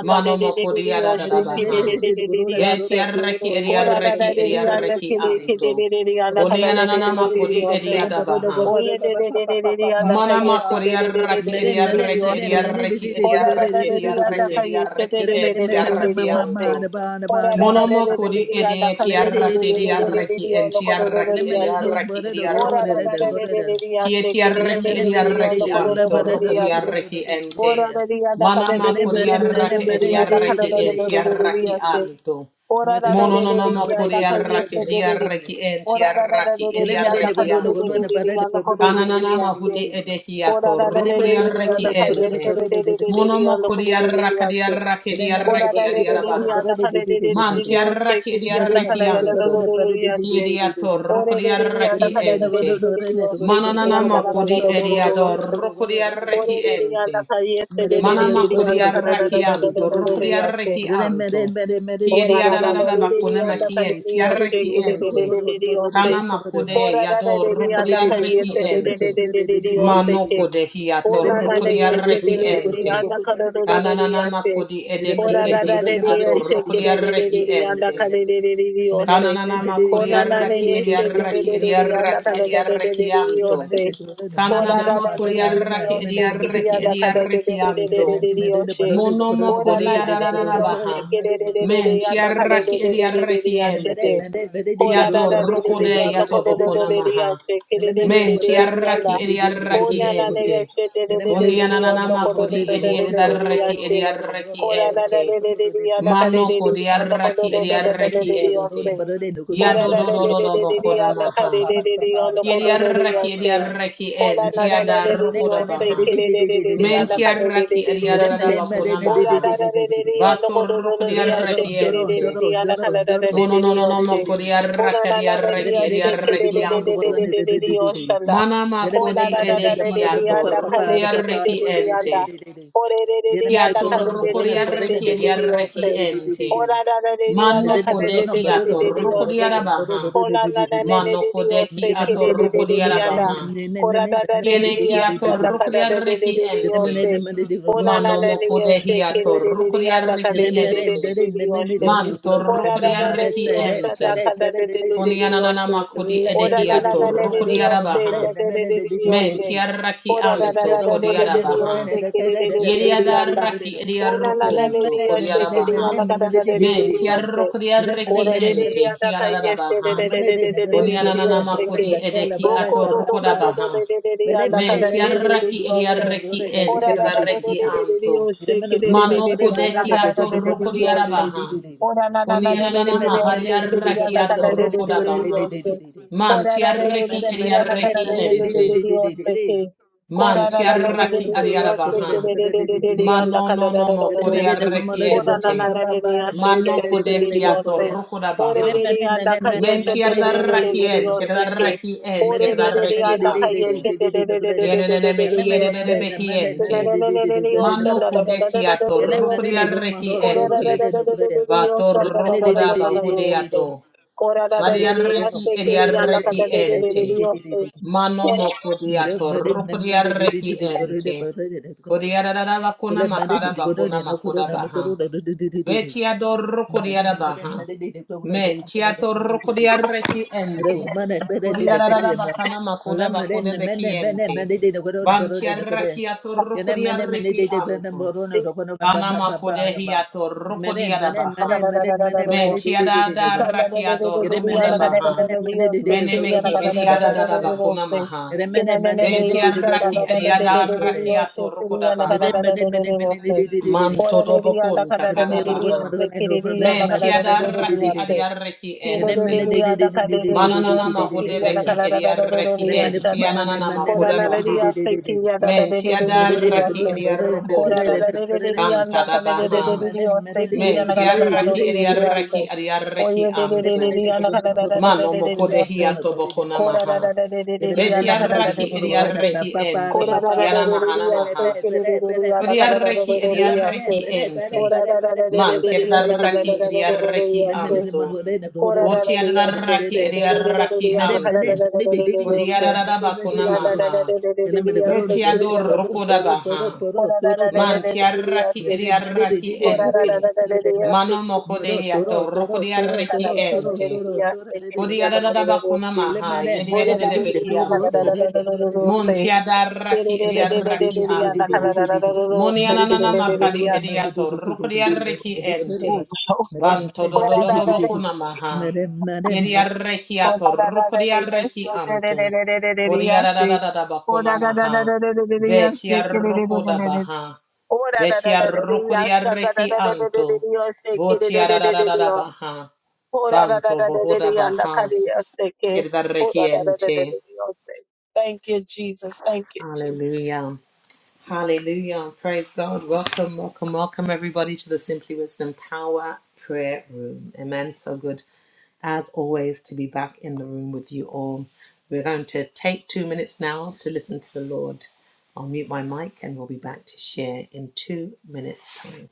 S2: Mano mo korea da da da
S4: मेरे मेरे
S2: baha.
S4: They they they गुरुरे
S2: Be
S4: Warora चोरो
S2: tiaraki
S4: ओरो ओरो
S2: ediaraki
S4: दगरे दे दे करे दे
S2: ediaraki
S4: दे दे दे
S2: anto.
S4: अरे
S2: Koni
S4: मेरे मेरे
S2: ananana ma
S4: मेरे दे दे
S2: kodi
S4: दे दगरे
S2: ediada
S4: बरो
S2: baha.
S4: दग बरो
S3: Oye,
S4: दग
S3: de,
S4: बा
S3: de,
S4: पा
S3: de,
S4: पा
S3: de,
S4: पा
S3: de,
S4: पा
S3: de, anda,
S4: पार
S2: Mana
S4: पा
S3: calle,
S2: ma
S3: se,
S4: पार
S3: de,
S2: korea
S3: de, de, de, de,
S2: raki
S3: de,
S4: मेरे
S3: de, de,
S4: मेरे
S3: de,
S2: ediaraki
S4: मेरे
S3: oste.
S4: मेरे दे
S2: ediaraki
S4: दे दे
S3: Ora, da,
S2: ediaraki
S3: da, de,
S4: दे गुरु रे दे दे
S3: de, anda,
S2: ediaraki
S4: दगरे
S3: calle, se, de,
S2: ediaraki
S4: मेरे
S3: de, de,
S2: ente
S4: मेरे
S3: de,
S4: मेरे
S3: de, de,
S4: मेरे
S3: de,
S2: tiaraki
S3: de,
S4: मेरे मेरे मेरे
S3: oste.
S2: anto.
S4: बाने बाने
S3: Ora,
S4: बाने
S3: da, da, de,
S2: Monomo
S3: de, de,
S2: kodi
S4: बाने
S3: de, de, anda,
S2: ede
S3: calle,
S4: मेरे दे
S3: se, de,
S2: tiaraki
S3: de, de, de, de, de,
S2: diaraki
S3: de,
S2: en
S3: ono, con, de, de, de,
S2: tiaraki
S4: मेरे
S3: de,
S4: मेरे
S3: oste.
S4: दो
S2: ediaraki
S4: बरो दो रो रो
S3: Ora,
S4: दे
S3: da,
S4: दे
S3: da,
S4: दे
S2: ediarokuntu.
S3: de, de,
S4: ले
S3: de, de,
S4: मेरे गुरु रे गुरु रे गुरु रे दे दे गुरु
S3: de,
S2: Kie
S3: oste, que, de,
S4: रे ले
S3: de,
S2: tiaraki
S3: de,
S4: मेरे
S3: de, de,
S4: मेरे
S3: de,
S4: दे दे
S3: ono,
S2: ediaraki
S4: दे
S3: con, de,
S4: दे
S3: de,
S2: anto
S3: de, de,
S4: मेरे
S2: roko
S4: दो
S3: de, oste.
S2: diaraki ente.
S3: Ora, da, de, anda, calle, de,
S2: Manama
S4: Mene,
S3: de, de, de,
S4: mene,
S3: de, de, de,
S4: mene,
S2: kodiaraki
S3: de,
S4: mene,
S3: de,
S4: de,
S3: anda,
S4: de,
S3: calle,
S4: de,
S2: ediaraki
S3: de,
S4: de,
S2: en
S3: de,
S4: de,
S3: de, de,
S4: de,
S3: de, de,
S4: de,
S3: de,
S4: de,
S2: tiaraki
S4: de,
S3: oste.
S4: de.
S2: anto.
S3: Ora,
S4: Mene,
S3: da,
S4: de,
S3: de, de,
S4: bueno,
S3: de,
S4: no,
S3: de,
S4: no,
S2: Monononomo
S3: de,
S4: mene,
S3: anda,
S4: de, de,
S3: calle,
S4: bueno, de,
S3: se,
S2: kodiaraki
S4: de,
S3: de,
S4: de,
S3: de, de,
S4: de.
S2: ediaraki en
S3: Ora da da de de
S2: tiaraki
S3: de
S4: Dele,
S3: de
S4: mene,
S3: da
S4: de,
S3: da
S2: ediaraki
S3: de
S4: bueno, no,
S3: de de
S4: bueno,
S2: anto.
S4: no,
S3: de de
S4: para, de,
S3: da da de de
S4: bueno, bueno,
S3: de
S4: bueno,
S3: da
S4: de,
S3: da
S4: de,
S2: Kananana
S4: de,
S3: da
S4: de,
S3: da.
S4: de,
S2: mahude
S4: de.
S3: コラララレレレリアンダカイエステレレレレレリアンダコルルリアステ。コララレレレリアンダカレレレレレリオステキリアンダカララララロロリアステ。オレレレリアンダカララレレレリオステキリアンダカラララロロロステ。オレレリアンダカイエステレレレレリアンダカララララロロリアステ。オラララレレリアンダカレリアステキレレレレリオステ。コララレレリアンダカイエステレレレレリオステケ。
S2: edehiato
S4: Mene,
S2: rukuria
S4: mene,
S2: reki ente. Monomo kuria rakadia rakedia
S4: de,
S2: reki
S4: bueno, de, de, bueno, de,
S2: adiarabaha.
S4: bueno, de, de, de, de, de.
S2: Man tiaraki
S4: Dele, mene, de,
S2: diareki
S4: bueno, de,
S2: anto.
S4: bueno, no, para, de, para de, de, de, de, de, de. Mene, no, mene, de, bueno, no, para, de, de, de, de, de, de, de,
S2: Kiediato
S4: de.
S2: rukuria reki
S4: Dele, mene, no,
S2: ente.
S4: bueno, no, para, de, de, bueno, no, bueno, no,
S2: Mananana
S4: para, de,
S2: makudi
S4: de,
S2: ediador
S4: de,
S2: rukuria
S4: de, de,
S2: reki
S4: de, de.
S2: ente.
S4: Madam,
S2: Manama kodiarrakianto, rokodiarrakianto, kiediadadada bakonema kienti, yarreki ente, kanama kude yador rokodiarreki ente, manoko de hiato
S3: Ora na na ye she de
S2: rokodiarreki
S3: de de de
S2: ente,
S3: anda kara do do de de ya
S2: kanananama
S3: se.
S2: kodi edeki
S3: Ora da da de
S2: etiki
S3: de
S2: ado
S3: ye
S2: ador
S3: she ke de de de de
S2: rokodiarreki
S3: de anda
S2: ente,
S3: kara de de de de yo se.
S2: Kananana kanananama
S3: Kona na
S2: Kananana
S3: na ye she de de
S2: ediarraki
S3: de de de anda
S2: ediarraki
S3: kara do de de de de yo
S2: ediarrekianto,
S3: se. Ora da
S2: kanananama
S3: da de de de de yo
S2: kodiarraki
S3: se ke de
S2: ediarreki
S3: anda kara de de de de de
S4: Mene
S3: de
S2: ediarrekianto,
S4: mene
S3: de de
S4: mene
S3: yo she.
S2: Monomo
S3: Ora na
S2: koria
S3: na
S2: da
S3: na
S2: da da
S3: de
S2: da
S3: yo she
S2: baha.
S3: ke de de de de
S2: Men
S3: de anda kara de
S2: tiaraki
S3: de de de de de
S2: ediaraki
S3: ya she de.
S2: ente.
S3: Ora da
S2: Kiado
S3: da de de
S2: roko
S3: de
S2: de
S3: anda
S2: yato
S3: kara do do
S2: bokona
S3: de de ya
S2: maha.
S3: se ke de de de de
S2: Men
S3: de de de anda.
S2: tiaraki ediaraki
S3: Ona na na ya
S2: ente.
S3: she de de de de
S2: Koni
S3: de de on the
S2: ananama
S3: kodo do
S2: kodi
S3: do do do do do do ya
S2: ediaraki
S3: she.
S2: ediaraki
S3: Ora na na de
S2: ente.
S3: de de de ya na ka de
S2: Mano
S3: de de de
S2: kodi
S3: on the kodo
S2: araki
S3: do do do do do
S2: ediaraki
S3: do do ya she.
S2: ente.
S3: Ora
S2: Yado
S3: na
S2: do
S3: na
S2: do
S3: de
S2: do
S3: de
S2: do
S3: de de de ya
S2: bokona
S3: na ka de
S2: maha.
S3: de de de on the kodo do do do ya
S2: Ediaraki
S3: she.
S2: ediaraki
S3: Kola
S2: ente.
S3: na na na
S2: Tiada
S3: na di
S2: roko da
S3: o
S4: mene
S3: se
S4: mene di
S2: baha.
S4: di
S3: kere
S4: di
S3: de de
S4: di
S3: de
S4: di
S3: de
S4: di
S3: ana
S4: di
S2: Menti
S4: di.
S3: kano de de
S2: arraki
S3: de de
S4: Mene
S3: o
S2: ariarara
S3: de.
S4: mene mene mene
S2: bakuna
S4: mene
S3: Ora
S2: maha.
S3: na na
S4: mene
S3: na na di o no kono no
S2: Vatorruk
S3: no di a she
S2: diarraki
S3: kere de de
S2: ente.
S3: de ana kano na na de
S2: Mono
S3: de
S2: no
S3: de
S2: no
S3: o
S2: no
S3: se.
S2: moko
S3: Ora
S2: diarraka
S3: na na na di a
S2: diarraki
S3: she kere de
S2: diarraki
S3: de de de
S2: anto.
S3: de de de de o shanda.
S2: Mana
S3: Ola
S2: makudi
S3: na na na na
S2: edehi
S3: di di ana
S2: atorruk
S3: kale kere de de
S2: diarraki
S3: de de ana.
S2: ente.
S3: Ore de de de ana kano de
S2: Kiatorruk
S3: de de de de de
S2: diarraki
S3: de o se.
S2: diarraki ente.
S3: Ola na na na di
S2: Mano
S3: ana kano de de
S2: kodeki
S3: de de de de
S2: atorruk
S3: o se.
S2: diarabaha.
S3: Ola na na ne ne
S2: Mano
S3: di di o se
S2: kodeki
S3: ke de de
S2: atorruk
S3: de de di anda.
S2: diarabaha.
S4: mene
S3: Kora da da de de
S2: Kiene
S3: di
S2: ki
S3: asha
S4: mene
S3: da
S2: atorruk
S3: ka da
S4: mene
S3: de de de
S2: diarraki
S3: de di o
S4: Lemon,
S2: ente.
S3: se. Ona na
S2: Mano
S3: na ne ye se
S2: mokodehi
S3: ke de de de di anda ka de
S2: atorukuriariki
S3: de de de
S2: ente.
S3: de de di o se.
S2: Man
S3: Kora da da de
S2: torukuriariki
S3: di o sa da
S2: ente.
S3: ka da de de de de di o
S2: Kunianana
S3: se.
S2: makodi
S3: Ola
S2: edehi
S3: na na na ne ne di o se da
S2: atorukuriarabaha.
S3: de de de de di o
S2: Men
S3: se.
S2: tiaraki
S3: Kora da da
S2: anto
S3: da da
S2: kodi
S3: de de de di o
S2: kodiarabaha.
S3: se ke de de de de de di anda.
S2: Yeriadaraki
S3: Ona na na
S2: kodi
S3: ne di o se ke di
S2: kodiarabaha.
S3: anda ka da da de de de
S2: Men
S3: di o se. これれれやだかいえしてれれれれれれれれれりおせけ。ろこどどどどどれれれれやだかだれれれれりおせ。こららられれれれれりおせけれれれれれやだかだれれれりおせ。こらららられれれりおせけりやだかだれれれれりおせ。こららられれれれやだかだれれれれれりおせけ。こららられれれれりおせけれれれれれりやだかだれれれれり
S2: tiarukuriariki ente kiarabaha. Kunianana makodi edeki atorukodabaha. Men tiaraki ediareki en tiaraki anto. Mano kodeki atoroko diarabaha. Konianana mahariaraki atoroko dabaha. Man tiaraki ediareki ente. Man tiaraki adiarabaha. Mano no no mo
S4: You know, I'm not
S2: kodiareki
S4: going to
S3: Ora na na
S2: ente.
S3: na de de ya sheke
S2: Mano
S3: de de de de
S2: kodeki
S3: de yo se.
S2: atoroko
S3: Ore
S2: dabaha.
S3: de de ya da ka ye
S2: Men
S3: sheke de de de de
S2: tiaraki
S3: de de
S2: en
S3: yo se ke.
S2: tiaraki en
S3: Ore de de de ya
S2: tiaraki
S3: da ka ye
S2: anto.
S3: sheke de de de de de de
S2: Yenene
S3: de de de de yo se. De de
S2: Yenenenemehiyenenemehiente.
S3: de de de de de yo shan
S2: Mano
S3: da da da da da da
S2: kodekia
S3: da de de yo se.
S2: torrukodiareki
S3: Ora da da
S2: ente.
S3: da da da da de de
S2: Va
S3: yo shan da da da da
S2: torrukoda
S3: da da da de yo se.
S2: bahudeato.
S3: Ora da da de de ya
S2: Variareki
S3: sheke de ya da ka da
S2: ediareki
S3: de de de de de
S2: ente.
S3: yo se.
S2: Mano mokodia torrukodiareki
S4: do
S2: ente.
S4: anything.
S2: Kodiarada bakuna
S4: Kele mende
S2: makara
S4: ni kodo ni
S2: bakuna
S4: no kodo
S2: makoda
S4: na no kodo
S2: baha.
S4: na do do do do do do.
S2: Betia dorro
S4: Mende
S2: coriara
S4: mende
S2: baha.
S4: mende di di kodo na kodo na
S2: Mentia
S4: do do
S2: torro
S4: do do
S2: coriara
S4: do.
S2: reki
S4: Re
S2: ente.
S4: kuma na mende di di
S2: Coriara
S4: kodo
S2: rara
S4: na ma.
S2: bacana
S4: Mala
S2: macoda
S4: mende
S2: bacoda
S4: na
S2: beki
S4: mende mende
S2: ente.
S4: mende di di kodo na kodo na
S2: Bantia
S4: do kodo.
S2: rakia torro
S4: Kele
S2: coriara
S4: mende mende di
S2: reki
S4: di kodo na
S2: anto.
S4: kodo na do kodo na ba
S2: Kana
S4: ba ba ba
S2: macode
S4: na ba.
S2: hia torro
S4: Mende
S2: coriara
S4: mende mende
S3: Ora
S2: baha.
S3: da da da
S4: mende
S3: da da da da da da
S4: mende
S3: de yo
S4: mende
S3: se.
S4: di
S2: Mentia
S4: di di
S2: da
S4: di di
S2: da
S4: di.
S2: rakia
S4: Kele
S2: dorro
S4: mende
S2: coda
S4: mende
S2: baha.
S4: mende mende di di di kodo na
S2: Menemeki
S4: kodo na do
S2: idiada da da
S4: kodo na.
S2: bacona maha.
S4: Kele mende mende di di
S2: Betia
S4: di kodo na
S2: raki
S4: kodo na do
S2: idiada
S4: kodo na.
S2: rakia torro coda
S4: Mende
S2: baha.
S4: mende mende mende di
S3: Ora
S4: di di di di.
S2: Manto dobo kunta
S4: Remember,
S2: karabaha. Menti adaraki adiareki ente. Mananana mahodebeki ediareki enti ananana makodabaha. Menti adaraki ediarokonto. Kantadabaha. Menti araki ediareki adiareki
S4: the money
S2: anto.
S4: that the government of The
S2: Mano
S4: foreign opponent
S3: Kora
S2: mokodehiato
S4: of the
S2: bokonamaha.
S4: The money
S2: Beti
S4: the money The
S2: araki
S4: government of the
S2: ediareki
S4: papa papa
S2: ente.
S4: papa papa
S2: Yanamahana
S4: Pere,
S2: maha.
S4: pere, pere, pere, pere,
S2: Kodiarreki
S4: Nalla
S2: ediarreki
S4: mele pere,
S2: ente.
S4: pere, pere, pere, pere,
S2: Manti
S4: pere di di di di
S2: adarraki
S4: di.
S2: ediarreki
S4: Then
S2: anto. Boti adarraki ediarreki anto. Kodiarabakuna maha. Beti adorrokoda
S3: Corona
S2: baha. Manti arraki ediarreki ente. Mano moko de yato rokodiarreki ente. Kodiarabakuna maha. Yediadebeki anto. Montia
S4: Mero,
S2: darraki
S4: um,
S2: ediarraki
S4: at
S2: anto. moni ananana makadi ediato rukodiarreki ente. Banto do do do do bokuna maha. Yediarreki
S3: Oh
S2: ato
S3: da da da da da yes,
S2: rukodiarreki
S3: da da da
S2: anto.
S3: da da da da da yes.
S2: Kodiarada
S3: Oh
S2: bakuna
S3: da da da da
S2: maha.
S3: da da da da da yes, da
S2: Betia
S3: da da da da
S2: rukoda
S3: da da.
S2: baha.
S3: Oh da da da da
S2: Betia
S3: da da yes, da da da
S2: rukodiarreki
S3: da da da da
S2: anto.
S3: da yes, da da da da da da
S2: Botiarada
S3: da.
S2: baha.
S3: Oh da da da
S2: Banto
S3: da da da da
S2: bohoda
S3: yes, da
S2: baha.
S3: da yes, da. Oh da
S2: Yediarreki
S3: da da da da da
S2: ente.
S3: da yes. Thank you, Jesus. Thank you, Jesus.
S2: Hallelujah. Hallelujah and praise God. Welcome, welcome, welcome everybody to the Simply Wisdom Power Prayer Room. Amen. So good as always to be back in the room with you all. We're going to take two minutes now to listen to the Lord. I'll mute my mic and we'll be back to share in two minutes' time.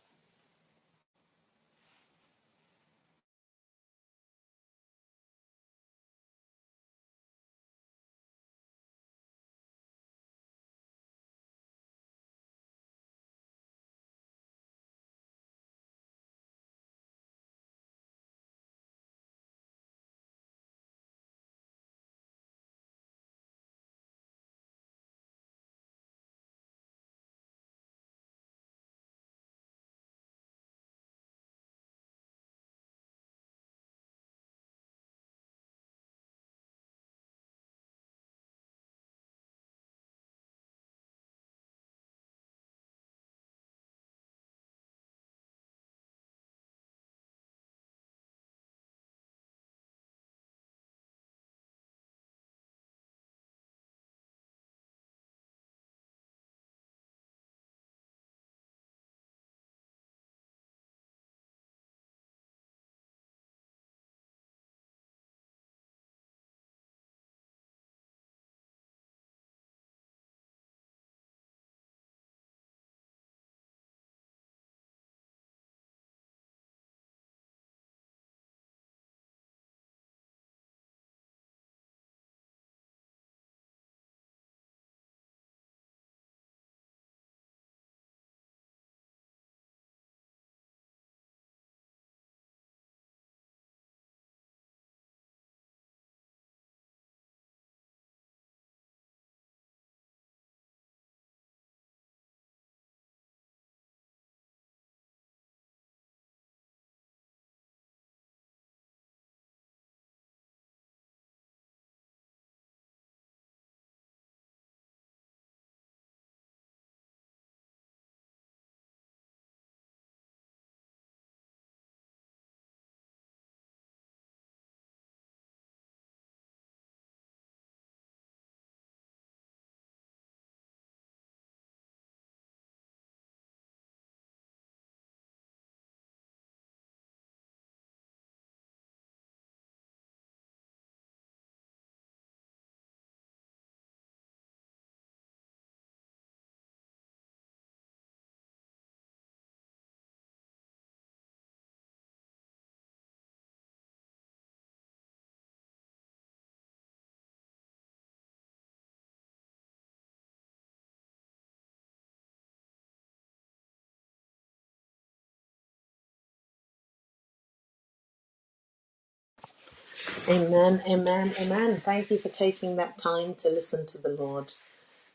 S2: Amen, amen, amen. Thank you for taking that time to listen to the Lord.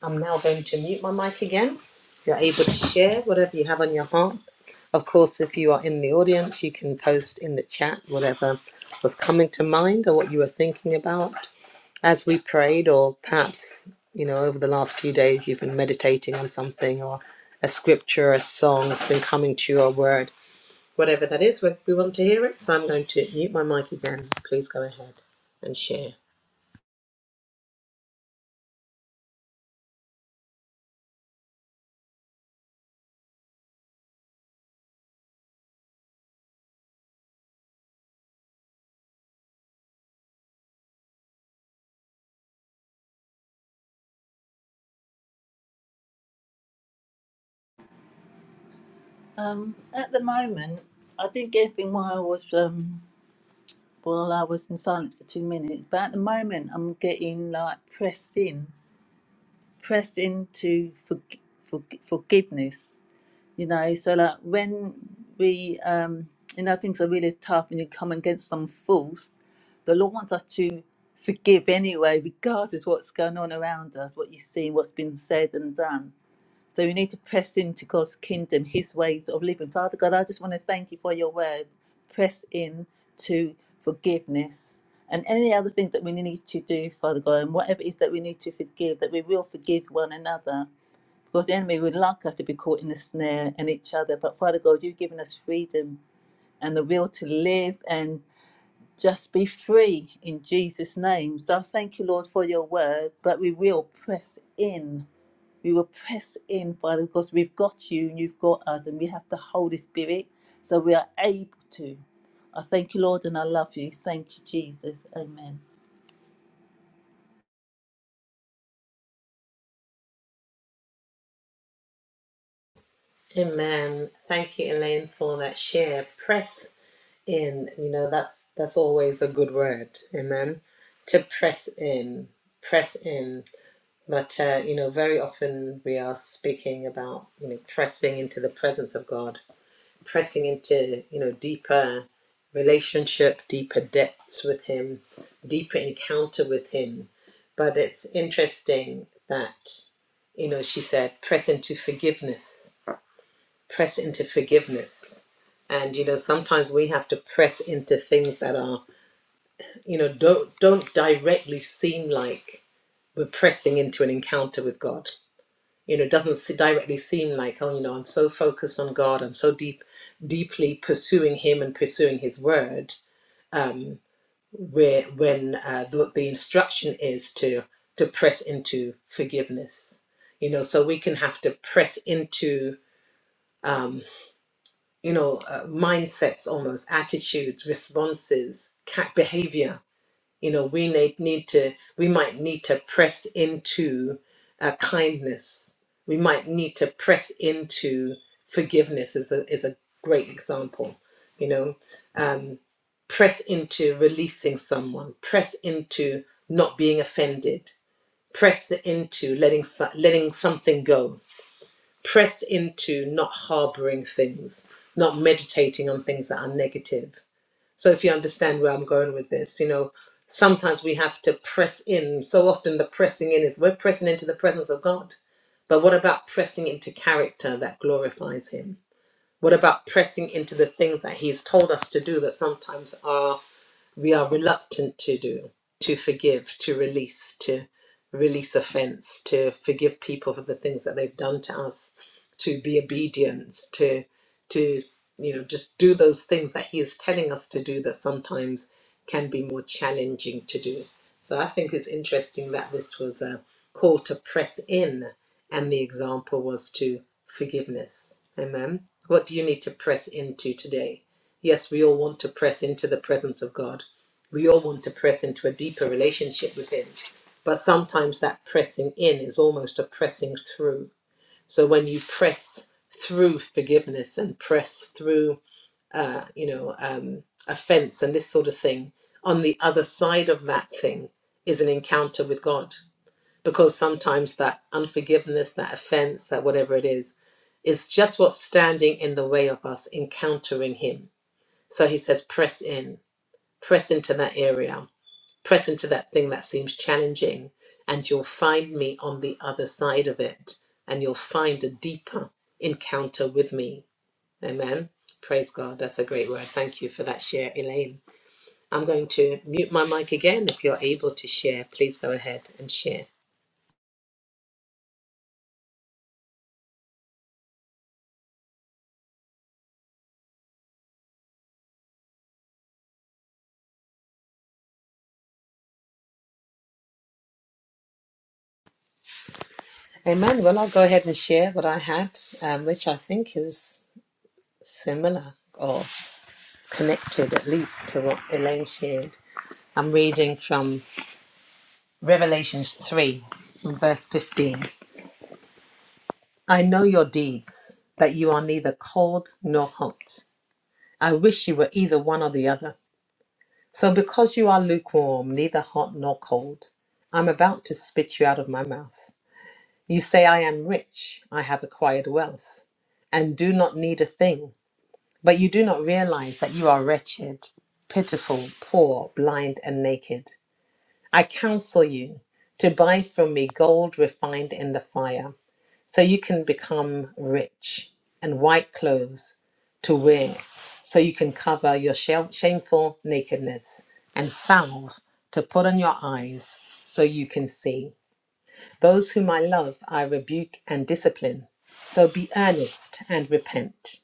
S2: I'm now going to mute my mic again. You're able to share whatever you have on your heart. Of course, if you are in the audience, you can post in the chat whatever was coming to mind or what you were thinking about as we prayed, or perhaps, you know, over the last few days, you've been meditating on something or a scripture, a song has been coming to you, or a word. Whatever that is, we we want to hear it. So I'm going to mute my mic again. Please go ahead and share.
S4: the moment, I did gaping while I was um while I was in silence for two minutes. But at the moment, I'm getting like pressed in, pressed into for, for, forgiveness. you know so like when we um you know things are really tough and you come against some fools the lord wants us to forgive anyway regardless what's going on around us what you see what's been said and done so we need to press into god's kingdom his ways of living father god i just want to thank you for your word press in to forgiveness and any other things that we need to do father god and whatever it is that we need to forgive that we will forgive one another because the enemy would like us to be caught in the snare and each other. But Father God, you've given us freedom and the will to live and just be free in Jesus' name. So I thank you, Lord, for your word, but we will press in. We will press in, Father, because we've got you and you've got us, and we have the Holy Spirit, so we are able to. I thank you, Lord, and I love you. Thank you, Jesus. Amen.
S2: Amen. Thank you, Elaine, for that share. Press in you know that's that's always a good word amen to press in press in but uh, you know very often we are speaking about you know pressing into the presence of god pressing into you know deeper relationship deeper depths with him deeper encounter with him but it's interesting that you know she said press into forgiveness press into forgiveness and you know sometimes we have to press into things that are you know don't don't directly seem like we're pressing into an encounter with god you know it doesn't se- directly seem like oh you know i'm so focused on god i'm so deep deeply pursuing him and pursuing his word um where when uh, the, the instruction is to to press into forgiveness you know so we can have to press into um. you know, uh, mindsets almost, attitudes, responses, cat behavior. You know, we need, need to, we might need to press into uh, kindness. We might need to press into forgiveness is a, is a great example, you know, um, press into releasing someone, press into not being offended, press into letting, so- letting something go press into not harboring things, not meditating on things that are negative. So, if you understand where I'm going with this, you know, sometimes we have to press in. So often, the pressing in is we're pressing into the presence of God. But what about pressing into character that glorifies Him? What about pressing into the things that He's told us to do that sometimes are? we are reluctant to do to forgive to release to release offense to forgive people for the things that they've done to us to be obedient to to you know just do those things that he is telling us to do that sometimes can be more challenging to do so i think it's interesting that this was a call to press in and the example was to forgiveness amen what do you need to press into today yes we all want to press into the presence of god we all want to press into a deeper relationship with Him, but sometimes that pressing in is almost a pressing through. So when you press through forgiveness and press through, uh, you know, um, offense and this sort of thing, on the other side of that thing is an encounter with God. Because sometimes that unforgiveness, that offense, that whatever it is, is just what's standing in the way of us encountering Him. So He says, press in, press into that area press into that thing that seems challenging and you'll find me on the other side of it and you'll find a deeper encounter with me amen praise god that's a great word thank you for that share elaine i'm going to mute my mic again if you're able to share please go ahead and share amen well i'll go ahead and share what i had um, which i think is similar or connected at least to what elaine shared i'm reading from revelations 3 from verse 15 I know your deeds, that you are neither cold nor hot. I wish you were either one or the other. So, because you are lukewarm, neither hot nor cold, I'm about to spit you out of my mouth. You say, I am rich, I have acquired wealth, and do not need a thing. But you do not realize that you are wretched, pitiful, poor, blind, and naked. I counsel you to buy from me gold refined in the fire, so you can become rich, and white clothes to wear, so you can cover your shame- shameful nakedness, and salve to put on your eyes, so you can see. Those whom I love, I rebuke and discipline. So be earnest and repent.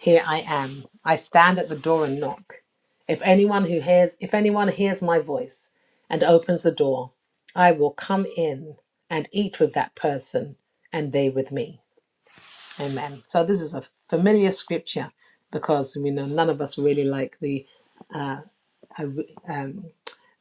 S2: Here I am. I stand at the door and knock. If anyone who hears if anyone hears my voice and opens the door, I will come in and eat with that person and they with me. Amen. So this is a familiar scripture because we know none of us really like the um,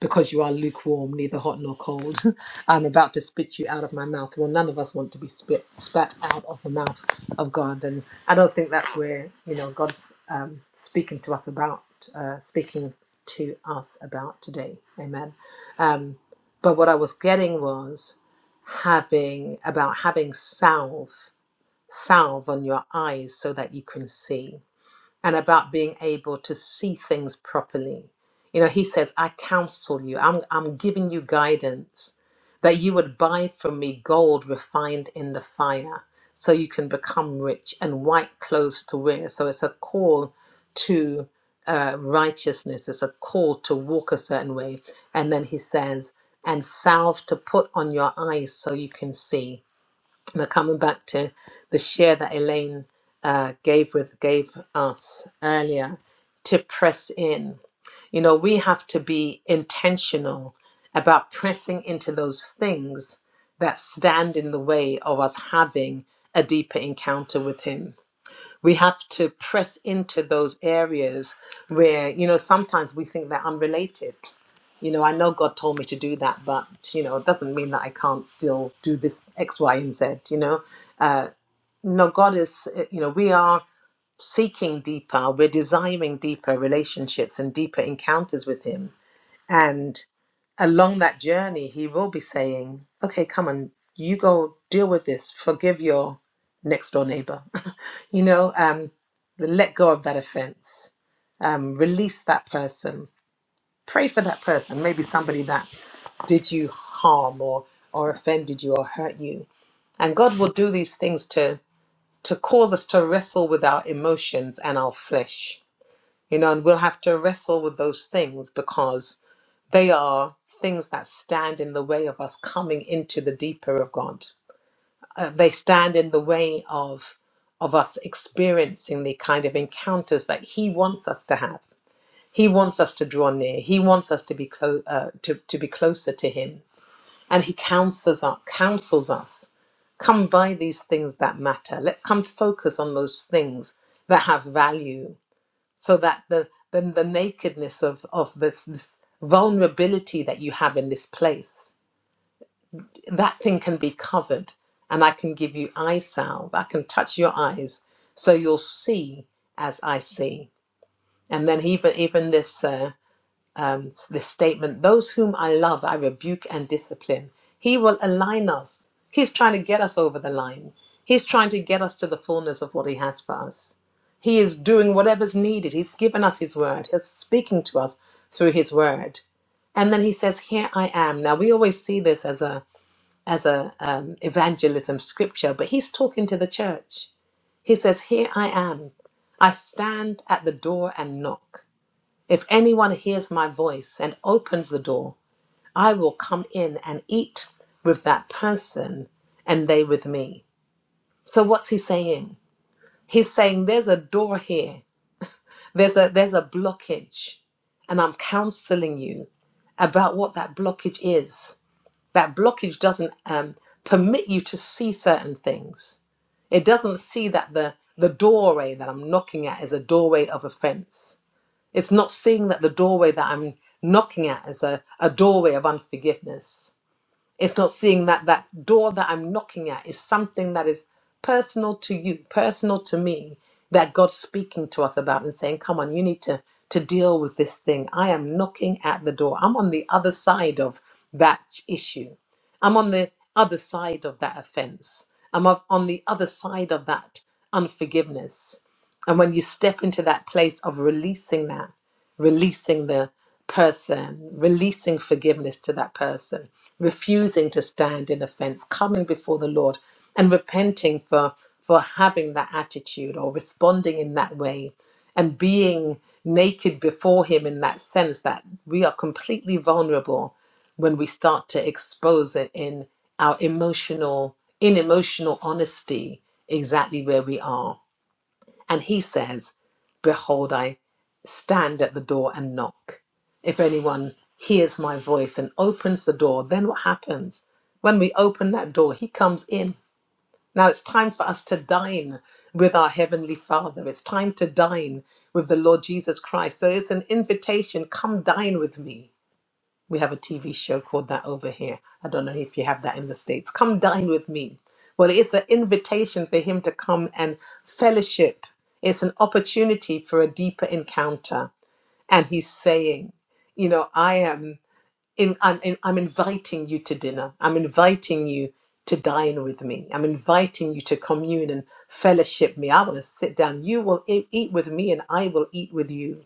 S2: because you are lukewarm, neither hot nor cold. I'm about to spit you out of my mouth. Well, none of us want to be spit spat out of the mouth of God, and I don't think that's where you know God's um, speaking to us about, uh, speaking to us about today. Amen. Um, but what I was getting was having about having salve salve on your eyes so that you can see and about being able to see things properly. You know, he says, I counsel you, I'm, I'm giving you guidance that you would buy from me gold refined in the fire so you can become rich and white clothes to wear. So it's a call to uh, righteousness, it's a call to walk a certain way. And then he says, and salve to put on your eyes so you can see but coming back to the share that Elaine uh, gave with gave us earlier to press in. You know, we have to be intentional about pressing into those things that stand in the way of us having a deeper encounter with Him. We have to press into those areas where, you know, sometimes we think they're unrelated. You know, I know God told me to do that, but, you know, it doesn't mean that I can't still do this X, Y, and Z, you know? No, God is, eh, you know, we are seeking deeper, we're desiring deeper relationships and deeper encounters with Him. And along that journey, He will be saying, okay, come on, you go deal with this, forgive your next door neighbor, you know, um, let go of that offense, um, release that person, pray for that person, maybe somebody that did you harm or, or offended you or hurt you. And God will do these things to to cause us to wrestle with our emotions and our flesh. You know, and we'll have to wrestle with those things because they are things that stand in the way of us coming into the deeper of God. Uh, they stand in the way of of us experiencing the kind of encounters that He wants us to have. He wants us to draw near. He wants us to be clo- uh, to, to be closer to Him and he counsels us, counsels us come by these things that matter let come focus on those things that have value so that the then the nakedness of of this this vulnerability that you have in this place that thing can be covered and i can give you eye salve i can touch your eyes so you'll see as i see and then even even this uh, um, this statement those whom I love, I rebuke and discipline. He will align us. He's trying to get us over the line. He's trying to get us to the fullness of what He has for us. He is doing whatever's needed. He's given us His word, He's speaking to us through His word. And then He says, Here I am. Now, we always see this as a as a um, evangelism scripture, but he's talking to the church. He says, Here I am. I stand at the door and knock. If anyone hears my voice and opens the door, I will come in and eat with that person and they with me. So what's he saying? He's saying there's a door here. There's a there's a blockage and I'm counseling you about what that blockage is. That blockage doesn't um, permit you to see certain things. It doesn't see that the the doorway that I'm knocking at is a doorway of offense it's not seeing that the doorway that I'm knocking at is a, a doorway of unforgiveness. It's not seeing that that door that I'm knocking at is something that is personal to you, personal to me, that God's speaking to us about and saying, come on, you need to, to deal with this thing. I am knocking at the door. I'm on the other side of that issue. I'm on the other side of that offense. I'm of- on the other side of that unforgiveness. And when you step into that place of releasing that, releasing the person, releasing forgiveness to that person, refusing to stand in offense, coming before the Lord and repenting for for having that attitude or responding in that way and being naked before him in that sense that we are completely vulnerable when we start to expose it in our emotional in emotional honesty exactly where we are and he says, Behold, I stand at the door and knock. If anyone hears my voice and opens the door, then what happens? When we open that door, he comes in. Now it's time for us to dine with our Heavenly Father. It's time to dine with the Lord Jesus Christ. So it's an invitation come dine with me. We have a TV show called that over here. I don't know if you have that in the States. Come dine with me. Well, it's an invitation for him to come and fellowship. It's an opportunity for a deeper encounter. And he's saying, you know, I am in, I'm, in, I'm inviting you to dinner. I'm inviting you to dine with me. I'm inviting you to commune and fellowship me. I want to sit down. You will e- eat with me and I will eat with you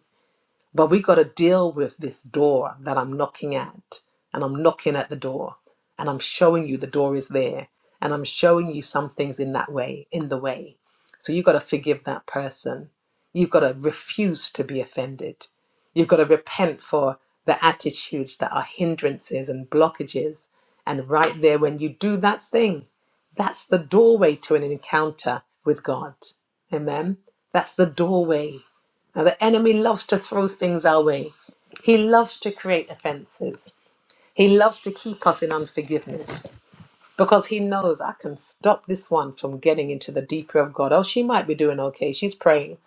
S2: but we got to deal with this door that I'm knocking at. And I'm knocking at the door. And I'm showing you the door is there. And I'm showing you some things in that way, in the way. So you've got to forgive that person. You've got to refuse to be offended. You've got to repent for the attitudes that are hindrances and blockages. And right there, when you do that thing, that's the doorway to an encounter with God. Amen. That's the doorway now, the enemy loves to throw things our way. He loves to create offenses. He loves to keep us in unforgiveness because he knows I can stop this one from getting into the deeper of God. Oh, she might be doing okay. She's praying,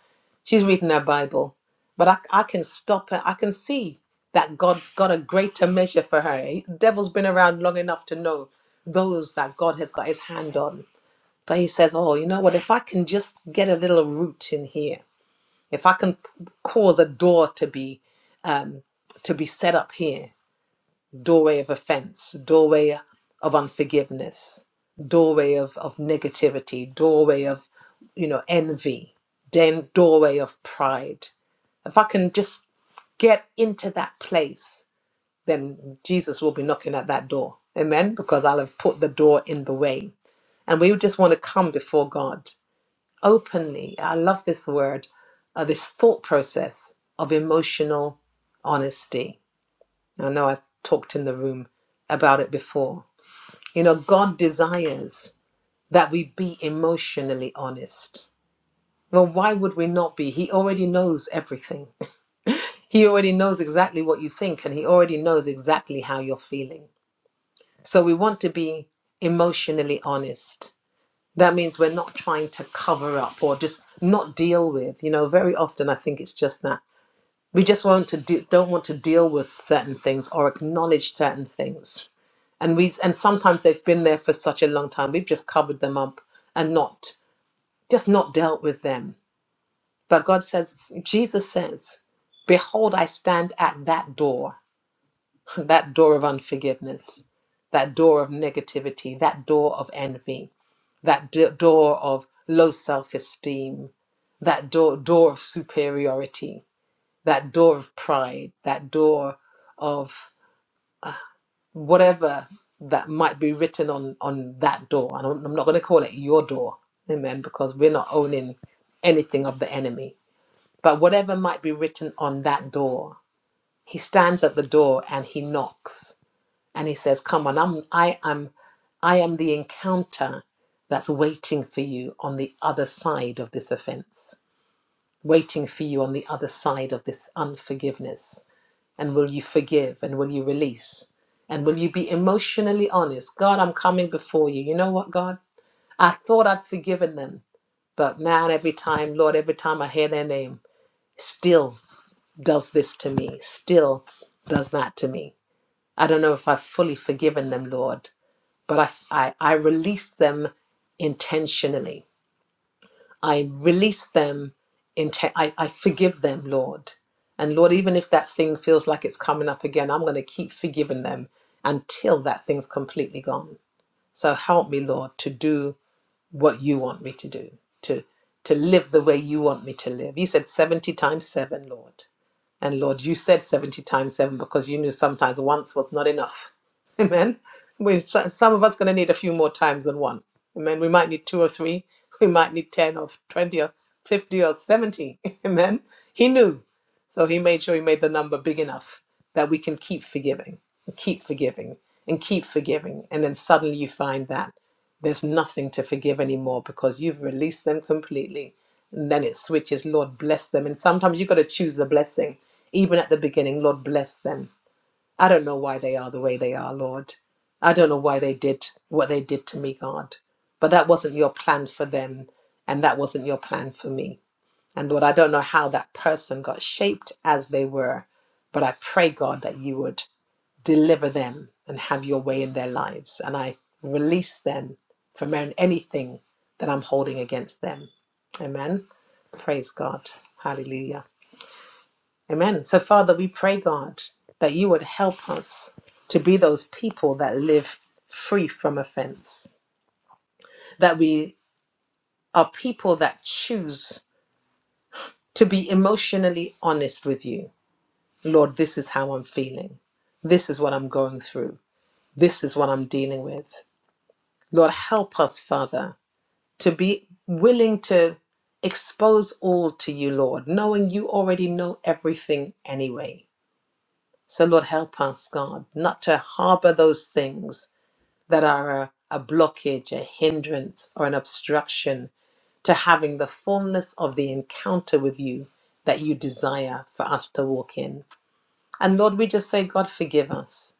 S2: she's reading her Bible, but I, I can stop her. I can see that God's got a greater measure for her. He- devil's been around long enough to know those that God has got his hand on. But he says, Oh, you know what? If I can just get a little root in here, if I can p- cause a door to be um, to be set up here, doorway of offense, doorway of unforgiveness, doorway of, of negativity, doorway of you know envy, then doorway of pride. If I can just get into that place, then Jesus will be knocking at that door. Amen. Because I'll have put the door in the way. And we just want to come before God openly. I love this word, uh, this thought process of emotional honesty. I know I talked in the room about it before. You know, God desires that we be emotionally honest. Well, why would we not be? He already knows everything. He already knows exactly what you think, and He already knows exactly how you're feeling. So we want to be emotionally honest. that means we're not trying to cover up or just not deal with you know very often i think it's just that we just want to do, don't want to deal with certain things or acknowledge certain things and we and sometimes they've been there for such a long time we've just covered them up and not just not dealt with them but god says jesus says behold i stand at that door that door of unforgiveness that door of negativity that door of envy that d- door of low self esteem, that door, door of superiority, that door of pride, that door of whatever that might be written on, on that door. And I'm I'm not going to call it your door, amen, because we're not owning anything of the enemy. But whatever might be written on that door, he stands at the door and he knocks and he says come on i'm i am i am the encounter that's waiting for you on the other side of this offense waiting for you on the other side of this unforgiveness and will you forgive and will you release and will you be emotionally honest god i'm coming before you you know what god i thought i'd forgiven them but man, every time, Lord, every time I hear their name, still does this to me, still does that to me. I don't know if I've fully forgiven them, Lord but I, I, I release them intentionally. I release them, inten- I, I forgive them, Lord. And Lord, even if that thing feels like it's coming up again, I'm going to keep forgiving them until that thing's completely gone. So help me, Lord, to do what you want me to do, to to live the way you want me to live. You said 70 times 7, Lord. And Lord, you said 70 times 7 because you knew sometimes once was not enough. Amen. We, so- some of us going to need a few more times than one. Amen. We might need two or three. We might need 10 or 20 or 50 or 70. Amen. He knew. So he made sure he made the number big enough that we can keep forgiving and keep forgiving and keep forgiving. And then suddenly you find that there's nothing to forgive anymore because you've released them completely. And then it switches, Lord, bless them. And sometimes you've got to choose the blessing. Even at the beginning, Lord, bless them. I don't know why they are the way they are, Lord. I don't know why they did what they did to me, God. But that wasn't your plan for them. And that wasn't your plan for me. And Lord, I don't know how that person got shaped as they were. But I pray, God, that you would deliver them and have your way in their lives. And I release them from anything that I'm holding against them. Amen. Praise God. Hallelujah. Amen. So, Father, we pray, God, that you would help us to be those people that live free from offense, that we are people that choose to be emotionally honest with you. Lord, this is how I'm feeling. This is what I'm going through. This is what I'm dealing with. Lord, help us, Father, to be willing to expose all to you, Lord, knowing you already know everything anyway. So, Lord, help us, God, not to harbor those things that are a, a blockage, a hindrance, or an obstruction to having the fullness of the encounter with you that you desire for us to walk in. And Lord, we just say, God, forgive us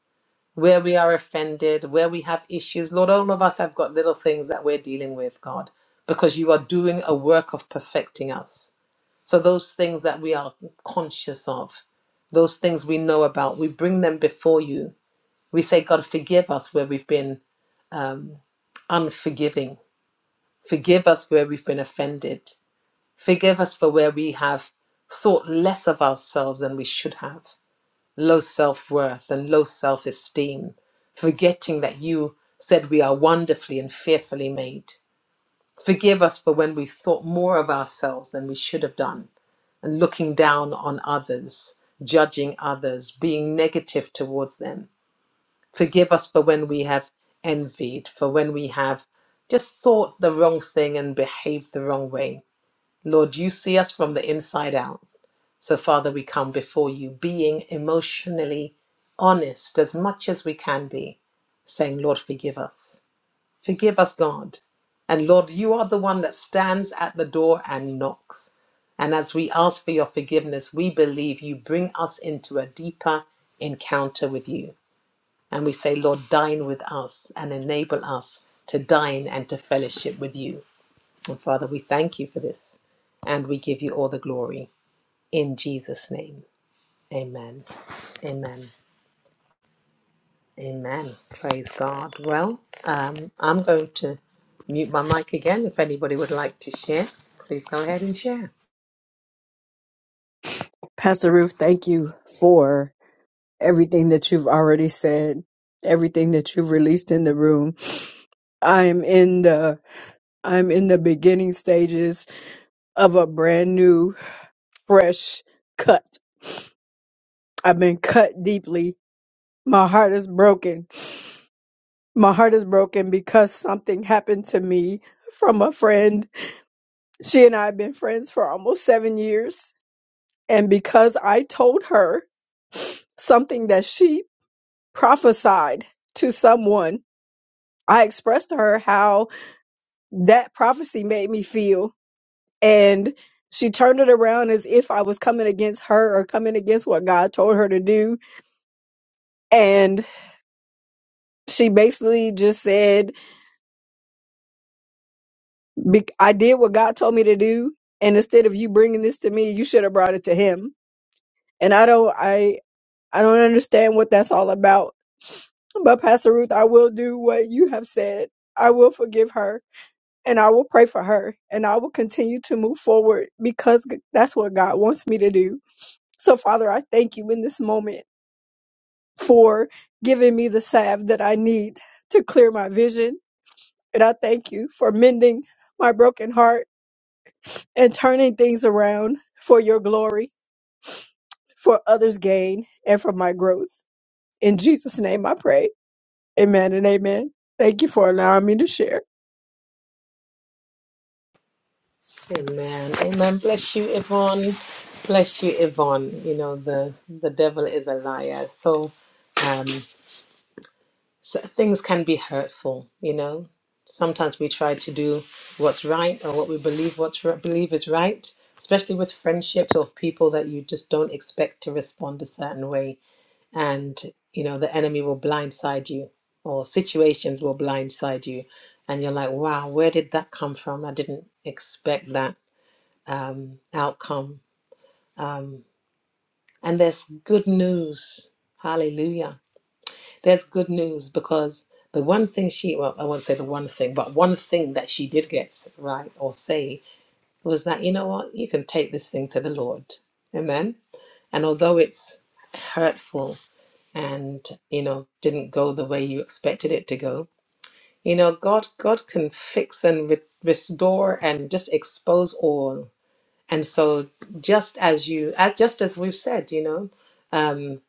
S2: where we are offended, where we have issues. Lord, all of us have got little things that we're dealing with, God, because you are doing a work of perfecting us. So, those things that we are conscious of, those things we know about, we bring them before you. We say, God, forgive us where we've been um, unforgiving. Forgive us where we've been offended. Forgive us for where we have thought less of ourselves than we should have low self worth and low self esteem, forgetting that you said we are wonderfully and fearfully made. Forgive us for when we thought more of ourselves than we should have done, and looking down on others, judging others, being negative towards them. Forgive us for when we have envied, for when we have just thought the wrong thing and behaved the wrong way. Lord, you see us from the inside out. So, Father, we come before you being emotionally honest as much as we can be, saying, Lord, forgive us. Forgive us, God. And Lord, you are the one that stands at the door and knocks. And as we ask for your forgiveness, we believe you bring us into a deeper encounter with you. And we say, Lord, dine with us and enable us to dine and to fellowship with you. And Father, we thank you for this and we give you all the glory in Jesus' name. Amen. Amen. Amen. Praise God. Well, um, I'm going to mute my mic again. If anybody would like to share, please go ahead and share.
S5: Pastor Ruth, thank you for everything that you've already said, everything that you've released in the room. I'm in the I'm in the beginning stages of a brand new fresh cut. I've been cut deeply. My heart is broken. My heart is broken because something happened to me from a friend. She and I have been friends for almost 7 years and because I told her something that she prophesied to someone. I expressed to her how that prophecy made me feel. And she turned it around as if I was coming against her or coming against what God told her to do. And she basically just said, "Be- I did what God told me to do. And instead of you bringing this to me, you should have brought it to him. And I don't, I, I don't understand what that's all about. But Pastor Ruth, I will do what you have said. I will forgive her and I will pray for her and I will continue to move forward because g- that's what God wants me to do. So, Father, I thank you in this moment for giving me the salve that I need to clear my vision. And I thank you for mending my broken heart and turning things around for your glory, for others' gain, and for my growth. In Jesus' name I pray. Amen and amen. Thank you for allowing me to share.
S2: Amen. Amen. Bless you, Yvonne. Bless you, Yvonne. You know, the, the devil is a liar. So, um, so things can be hurtful, you know. Sometimes we try to do what's right or what we believe what's r- believe is right, especially with friendships or people that you just don't expect to respond a certain way and you know the enemy will blindside you or situations will blindside you and you're like wow where did that come from i didn't expect that um, outcome and there's good news hallelujah there's good news because the one thing she well i won't say the one thing but one thing that she did get right or say was that you know what you can take this thing to the lord amen and although it's hurtful and you know didn't go the way you expected it to go You know, God God can fix and re- restore and just expose all. And so, just as you, as, just as we've said, you know, um,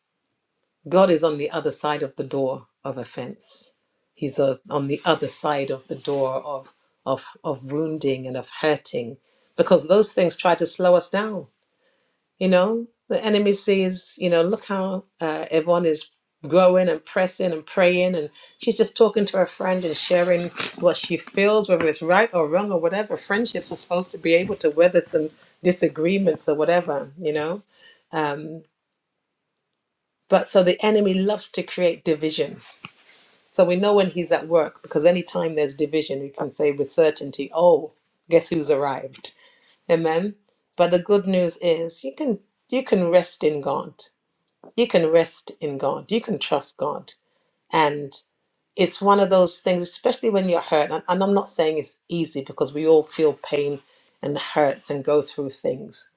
S2: God is on the other side of the door of offense. He's uh on the other side of the door of of of wounding and of hurting, because those things try to slow us down you know, the enemy sees, you know, look how uh, everyone is growing and pressing and praying, and she's just talking to her friend and sharing what she feels, whether it's right or wrong or whatever. Friendships are supposed to be able to weather some disagreements or whatever, you know. Um, but so the enemy loves to create division. So we know when he's at work because anytime there's division, we can say with certainty, oh, guess who's arrived? Amen. But the good news is you can you can rest in God you can rest in God. You can trust God. And it's one of those things, especially when you're hurt. And, and I'm not saying it's easy because we all feel pain and hurts and go through things.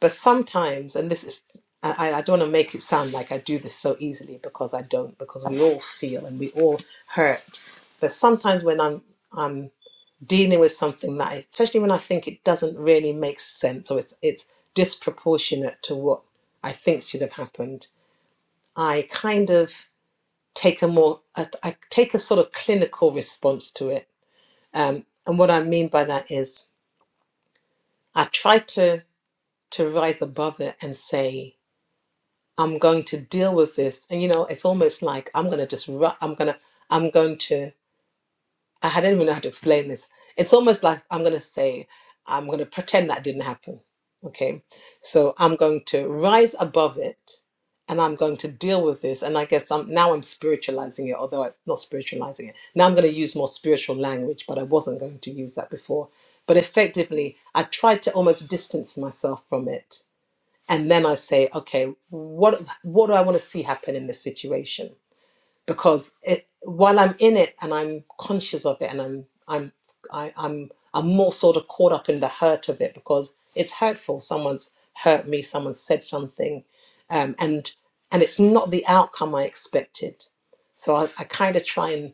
S2: But sometimes, and this is, I, I I don't want to make it sound like I do this so easily because I don't, because we all feel and we all hurt. But sometimes when I'm, I'm dealing with something that, I, especially when I think it doesn't really make sense or it's, it's disproportionate to what I think should have happened, I kind of take a more, I, I take a sort of clinical response to it. Um, and what I mean by that is I try to, to rise above it and say, I'm going to deal with this. And, you know, it's almost like I'm going to just, ru- I'm going to, I'm going to I don't even know how to explain this. It's almost like I'm going to say, I'm going to pretend that didn't happen. Okay. So I'm going to rise above it and I'm going to deal with this. And I guess I'm, now I'm spiritualizing it, although I'm not spiritualizing it. Now I'm going to use more spiritual language, but I wasn't going to use that before. But effectively, I tried to almost distance myself from it. And then I say, okay, what, what do I want to see happen in this situation? because it, while I'm in it and I'm conscious of it and I'm I'm I, I'm I'm more sort of caught up in the hurt of it because it's hurtful. Someone's hurt me. Someone said something, um, and and it's not the outcome I expected. So I, I kind of try and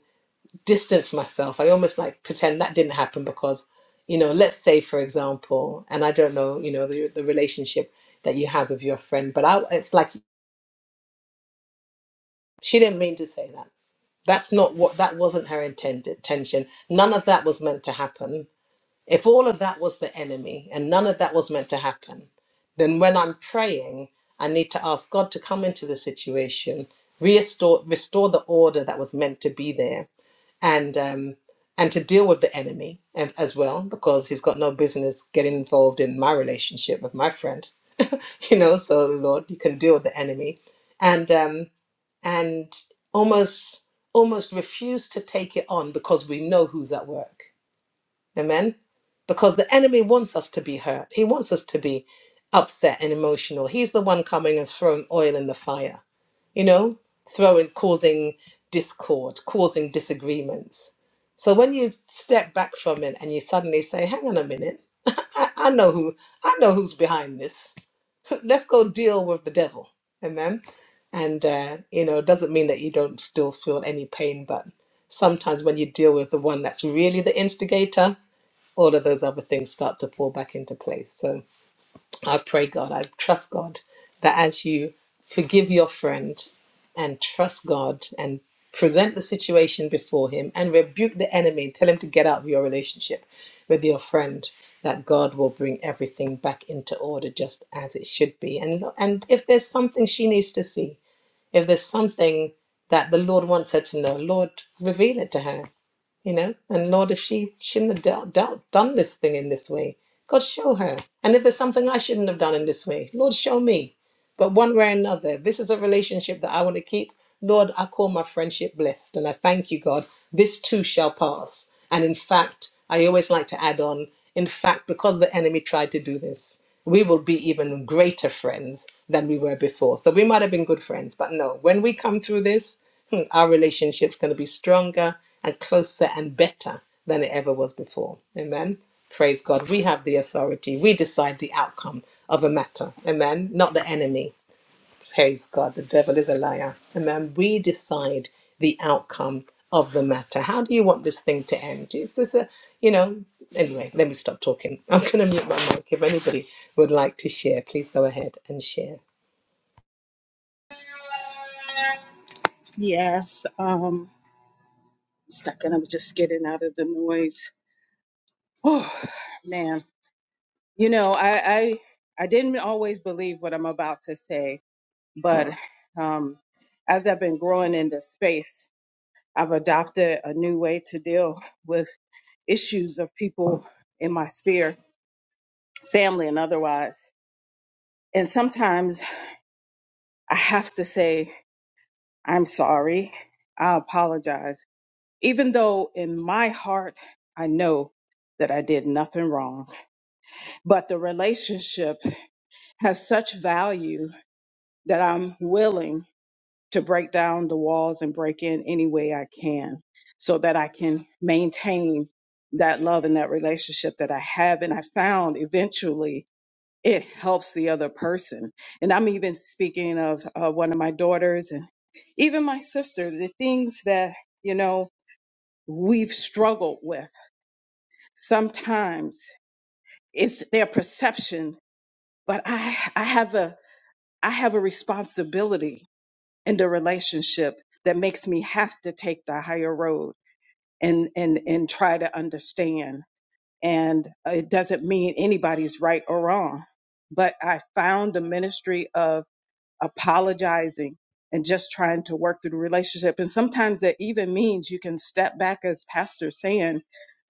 S2: distance myself. I almost like pretend that didn't happen because, you know, let's say for example, and I don't know, you know, the the relationship that you have with your friend, but I, it's like she didn't mean to say that That's not what, that wasn't her intended intention. None of that was meant to happen. If all of that was the enemy and none of that was meant to happen, then when I'm praying, I need to ask God to come into the situation, restore, restore the order that was meant to be there, and um, and to deal with the enemy and, as well, because he's got no business getting involved in my relationship with my friend. You know, so Lord, you can deal with the enemy, and um, and almost almost refuse to take it on because we know who's at work amen because the enemy wants us to be hurt he wants us to be upset and emotional he's the one coming and throwing oil in the fire you know throwing causing discord causing disagreements so when you step back from it and you suddenly say hang on a minute i, I know who i know who's behind this let's go deal with the devil. Amen. And, uh, you know, it doesn't mean that you don't still feel any pain, but sometimes when you deal with the one that's really the instigator, all of those other things start to fall back into place. So, I pray God, I trust God that as you forgive your friend and trust God and present the situation before Him and rebuke the enemy, tell him to get out of your relationship with your friend, that God will bring everything back into order just as it should be. And, and if there's something she needs to see, if there's something that the Lord wants her to know, Lord, reveal it to her you know and lord if she shouldn't have dealt, dealt, done this thing in this way god show her and if there's something i shouldn't have done in this way lord show me but one way or another, if this is a relationship that I want to keep, Lord, I call my friendship blessed. And I thank you, God, this too shall pass. And in fact, I always like to add on, in fact, because the enemy tried to do this, we will be even greater friends than we were before. So we might have been good friends, but no, when we come through this, hmm, our relationship's going to be stronger and closer and better than it ever was before. Amen. Praise God. We have the authority. We decide the outcome of a matter. Amen. Not the enemy. Praise God. The devil is a liar. Amen. We decide the outcome of the matter. How do you want this thing to end? Is this a, you know, anyway, let me stop talking. I'm going to mute my mic. If anybody would like to share, please go ahead and share.
S6: Yes. Um, second, I was just getting out of the noise. Oh man, you know, I I I didn't always believe what I'm about to say, but um, as I've been growing in this space, I've adopted a new way to deal with issues of people in my sphere, family and otherwise. And sometimes I have to say I'm sorry. I apologize even though in my heart I know that I did nothing wrong, but the relationship has such value that I'm willing to break down the walls and break in any way I can so that I can maintain that love and that relationship that I have. And I found eventually it helps the other person. And I'm even speaking of uh, one of my daughters and even my sister, the things that, you know, we've struggled with sometimes it's their perception but i i have a i have a responsibility in the relationship that makes me have to take the higher road and and and try to understand and it doesn't mean anybody's right or wrong but i found the ministry of apologizing and just trying to work through the relationship. And sometimes that even means you can step back, as Pastor saying,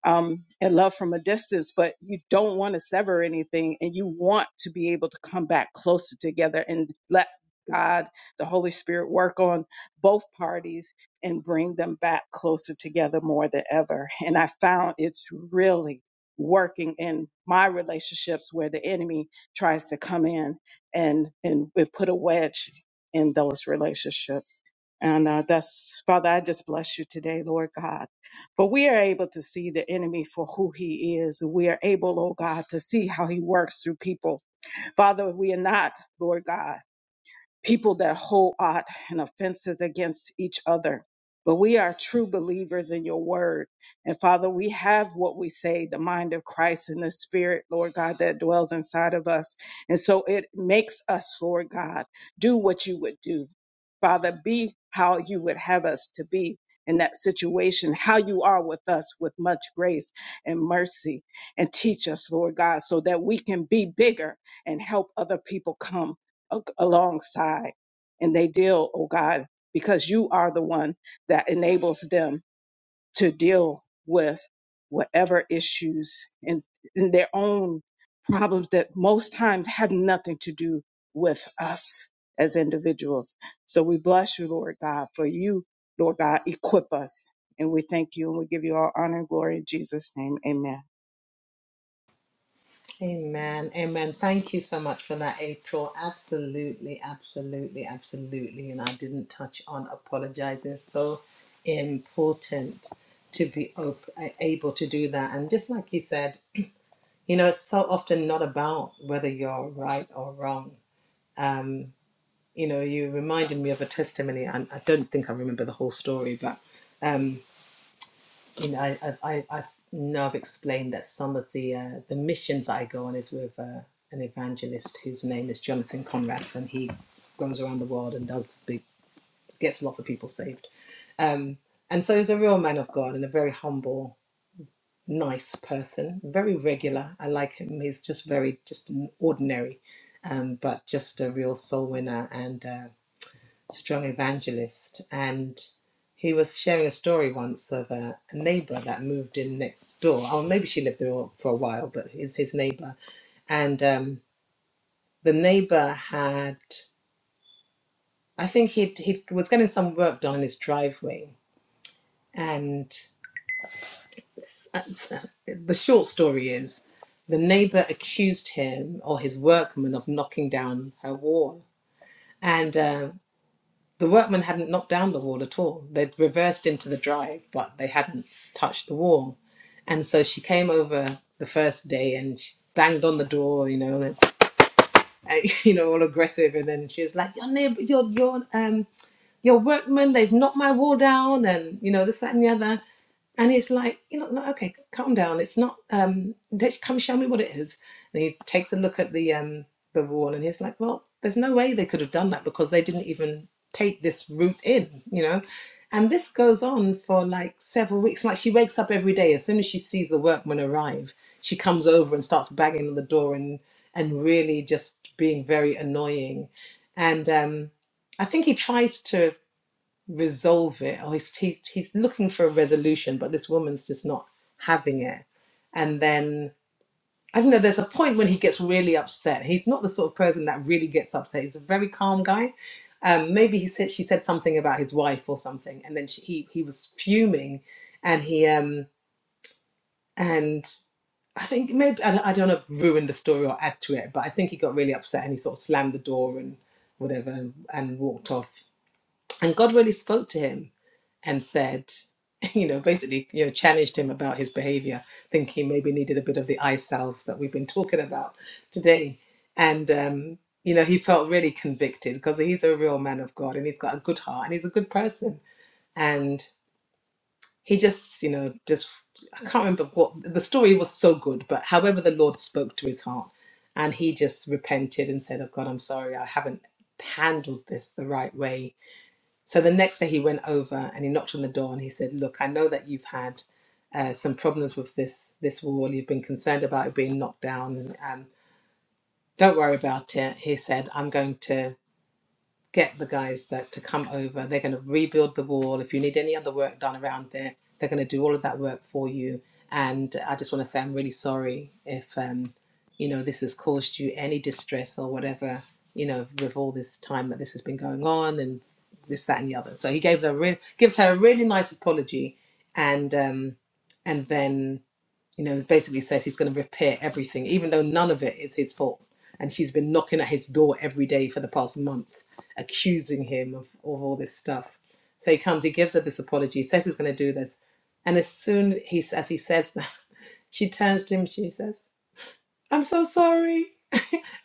S6: um, and love from a distance, but you don't want to sever anything and you want to be able to come back closer together and let God, the Holy Spirit, work on both parties and bring them back closer together more than ever. And I found it's really working in my relationships where the enemy tries to come in and and it put a wedge in those relationships. And uh, that's Father, I just bless you today, Lord God, for we are able to see the enemy for who he is. We are able, oh God, to see how he works through people. Father, we are not, Lord God people that hold aught and offenses against each other. But we are true believers in your word. And Father, we have what we say, the mind of Christ and the spirit, Lord God, that dwells inside of us. And so it makes us, Lord God, do what you would do. Father, be how you would have us to be in that situation, how you are with us with much grace and mercy. And teach us, Lord God, so that we can be bigger and help other people come a- alongside and they deal, oh God, because you are the one that enables them to deal with whatever issues and, and their own problems that most times have nothing to do with us as individuals. So we bless you, Lord God, for you, Lord God, equip us. And we thank you and we give you all honor and glory in Jesus' name. Amen.
S2: Amen. Amen. Thank you so much for that, April. Absolutely, absolutely, absolutely. And I didn't touch on apologizing. So important to be op- able to do that. And just like you said, you know, it's so often not about whether you're right or wrong. Um, you know, you reminded me of a testimony, and I don't think I remember the whole story, but um, you know, I, I, I I know I've explained that some of the uh, the missions I go on is with uh, an evangelist whose name is Jonathan Conrad, and he goes around the world and does big, gets lots of people saved. Um, and so he's a real man of God and a very humble, nice person, very regular. I like him. He's just very just ordinary, um, but just a real soul winner. And uh, strong evangelist, and he was sharing a story once of a, a neighbor that moved in next door. Oh, maybe she lived there for a while, but his his neighbor, and um, the neighbor had, I think he he was getting some work done on his driveway, and s- the short story is, the neighbor accused him or his workman of knocking down her wall, and. Um The workmen hadn't knocked down the wall at all. They'd reversed into the drive, but they hadn't touched the wall. And so she came over the first day and she banged on the door, you know, and, and, you know, all aggressive. And then she was like, "Your neighbor, your your um your workmen, they've knocked my wall down, and you know this that and the other." And he's like, you know, like, okay, calm down. It's not. Um, just come show me what it is. And he takes a look at the um the wall, and he's like, well, there's no way they could have done that because they didn't even take this route in, you know. And this goes on for like several weeks. Like she wakes up every day as soon as she sees the workmen arrive, she comes over and starts banging on the door and and really just being very annoying. And um, I think he tries to resolve it or he's, he's he's looking for a resolution but this woman's just not having it and then i don't know there's a point when he gets really upset he's not the sort of person that really gets upset he's a very calm guy um, maybe he said she said something about his wife or something and then she, he he was fuming and he um and i think maybe i, don't- I don't know ruin the story or add to it but i think he got really upset and he sort of slammed the door and whatever and walked off and god really spoke to him and said, you know, basically, you know, challenged him about his behavior, thinking maybe needed a bit of the I self that we've been talking about today. And, um, you know, he felt really convicted because he's a real man of God and he's got a good heart and he's a good person. And he just, you know, just, I can't remember what the story was so good, but however the Lord spoke to his heart and he just repented and said, Oh God, I'm sorry, I haven't handled this the right way so the next day he went over and he knocked on the door and he said, "Look, I know that you've had uh, some problems with this this wall. You've been concerned about it being knocked down. And, Um, don't worry about it." He said, "I'm going to." get the guys that to come over. They're going to rebuild the wall. If you need any other work done around there, they're going to do all of that work for you. And I just want to say I'm really sorry if um, you know this has caused you any distress or whatever. You know, with all this time that this has been going on and this, that, and the other. So he gives her a real, gives her a really nice apology, and um, and then you know, basically says he's going to repair everything, even though none of it is his fault. And she's been knocking at his door every day for the past month, accusing him of, of all this stuff. So he comes, he gives her this apology, says he's going to do this. And as soon he, as he says that, she turns to him, she says, I'm so sorry.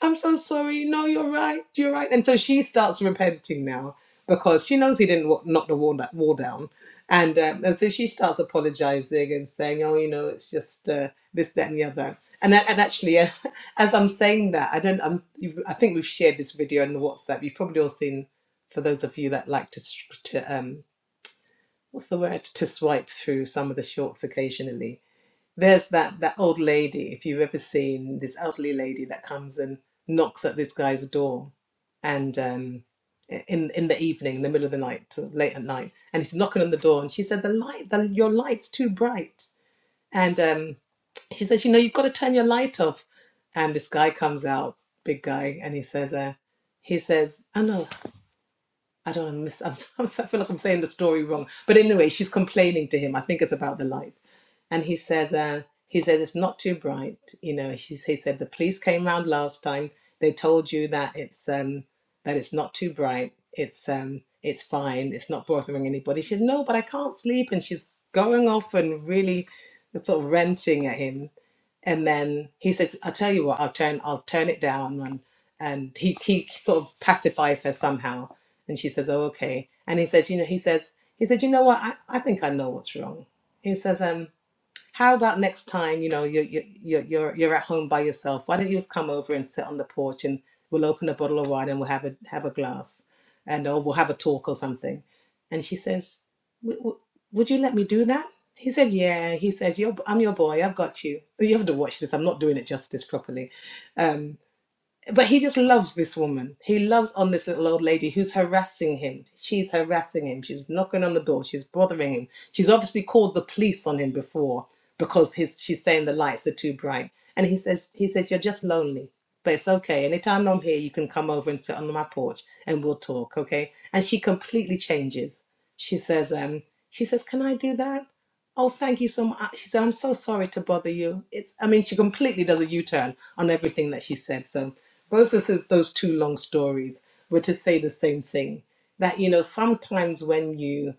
S2: I'm so sorry. No, you're right. You're right. And so she starts repenting now because she knows he didn't wa- knock the wall, da- wall down. And, um, and so she starts apologizing and saying, oh, you know, it's just uh, this, that, and the other. And, a- and actually, uh, as I'm saying that, I don't, I'm, you- I think we've shared this video in the WhatsApp. You've probably all seen, for those of you that like to, s- to um, what's the word, to swipe through some of the shorts occasionally there's that that old lady, if you've ever seen this elderly lady that comes and knocks at this guy's door, and um, in in the evening, in the middle of the night, sort of late at night, and he's knocking on the door, and she said, "The light, the, your light's too bright," and um, she says, "You know, you've got to turn your light off." And this guy comes out, big guy, and he says, uh, "He says, I know. I don't know, miss, I'm, s- I'm, s- I feel like I'm saying the story wrong. But anyway, she's complaining to him. I think it's about the light. And he says, uh, he says, it's not too bright. You know, he, he said, the police came round last time. They told you that it's, um, that it's not too bright. It's, um, it's fine. It's not bothering anybody. She said, no, but I can't sleep. And she's going off and really sort of ranting at him and then he says, "I'll tell you what, I'll turn, I'll turn it down." And and he he sort of pacifies her somehow, and she says, "Oh, okay." And he says, "You know," he says, he said, "You know what? I, I think I know what's wrong." He says, um. How about next time, you know, you're, you're, you're, you're you're at home by yourself. Why don't you just come over and sit on the porch and we'll open a bottle of wine and we'll have a, have a glass and or we'll have a talk or something. And she says, "W- w- would you let me do that? He said, yeah. He says, you're, I'm your boy. I've got you. You have to watch this. I'm not doing it justice properly. Um, but he just loves this woman. He loves on this little old lady who's harassing him. She's harassing him. She's knocking on the door. She's bothering him. She's obviously called the police on him before because his she's saying the lights are too bright. And he says he says you're just lonely, but it's okay. Anytime I'm here, you can come over and sit on my porch and we'll talk, okay? And she completely changes. She says um she says can I do that? Oh, thank you so much. She said, I'm so sorry to bother you. It's, I mean, she completely does a U turn on everything that she said. So, both of th- those two long stories were to say the same thing that, you know, sometimes when you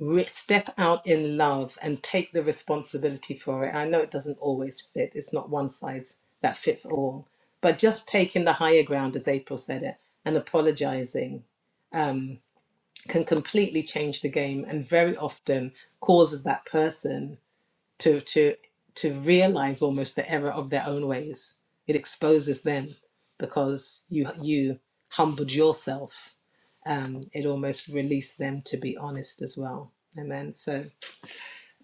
S2: re- step out in love and take the responsibility for it, I know it doesn't always fit, it's not one size that fits all, but just taking the higher ground, as April said it, and apologizing um, can completely change the game and very often causes that person to to to realize almost the error of their own ways it exposes them because you you humbled yourself um it almost released them to be honest as well amen so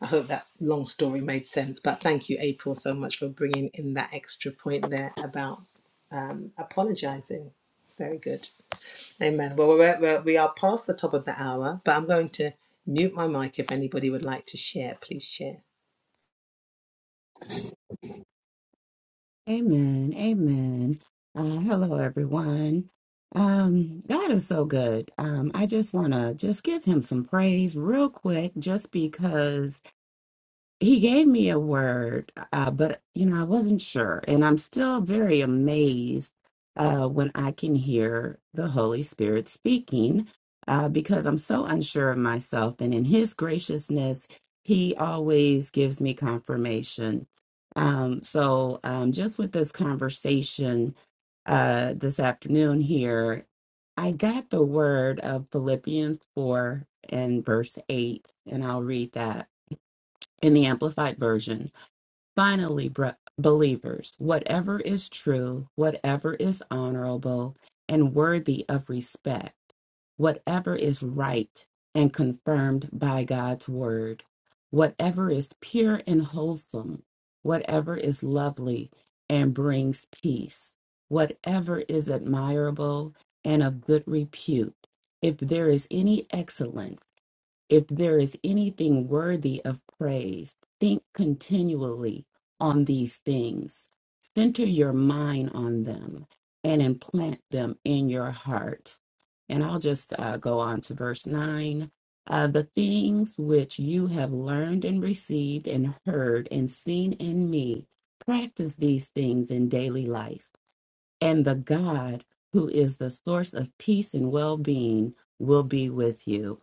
S2: i hope that long story made sense but thank you april so much for bringing in that extra point there about um apologizing very good amen well we're, we're, we are past the top of the hour but i'm going to mute my mic if anybody would like to share please share
S7: Amen. Amen. Uh, hello, everyone. Um, God is so good. Um, I just want to just give him some praise real quick, just because he gave me a word, uh, but you know, I wasn't sure, and I'm still very amazed uh, when I can hear the Holy Spirit speaking uh, because I'm so unsure of myself. And in His graciousness, He always gives me confirmation. Um, so, um, just with this conversation uh, this afternoon here, I got the word of Philippians 4 and verse 8, and I'll read that in the Amplified Version. Finally, br- believers, whatever is true, whatever is honorable and worthy of respect, whatever is right and confirmed by God's word, whatever is pure and wholesome, whatever is lovely and brings peace, whatever is admirable and of good repute, if there is any excellence, if there is anything worthy of praise, think continually on these things. Center your mind on them and implant them in your heart. And I'll just uh, go on to verse 9. Uh, the things which you have learned and received and heard and seen in me, practice these things in daily life. And the God who is the source of peace and well being will be with you.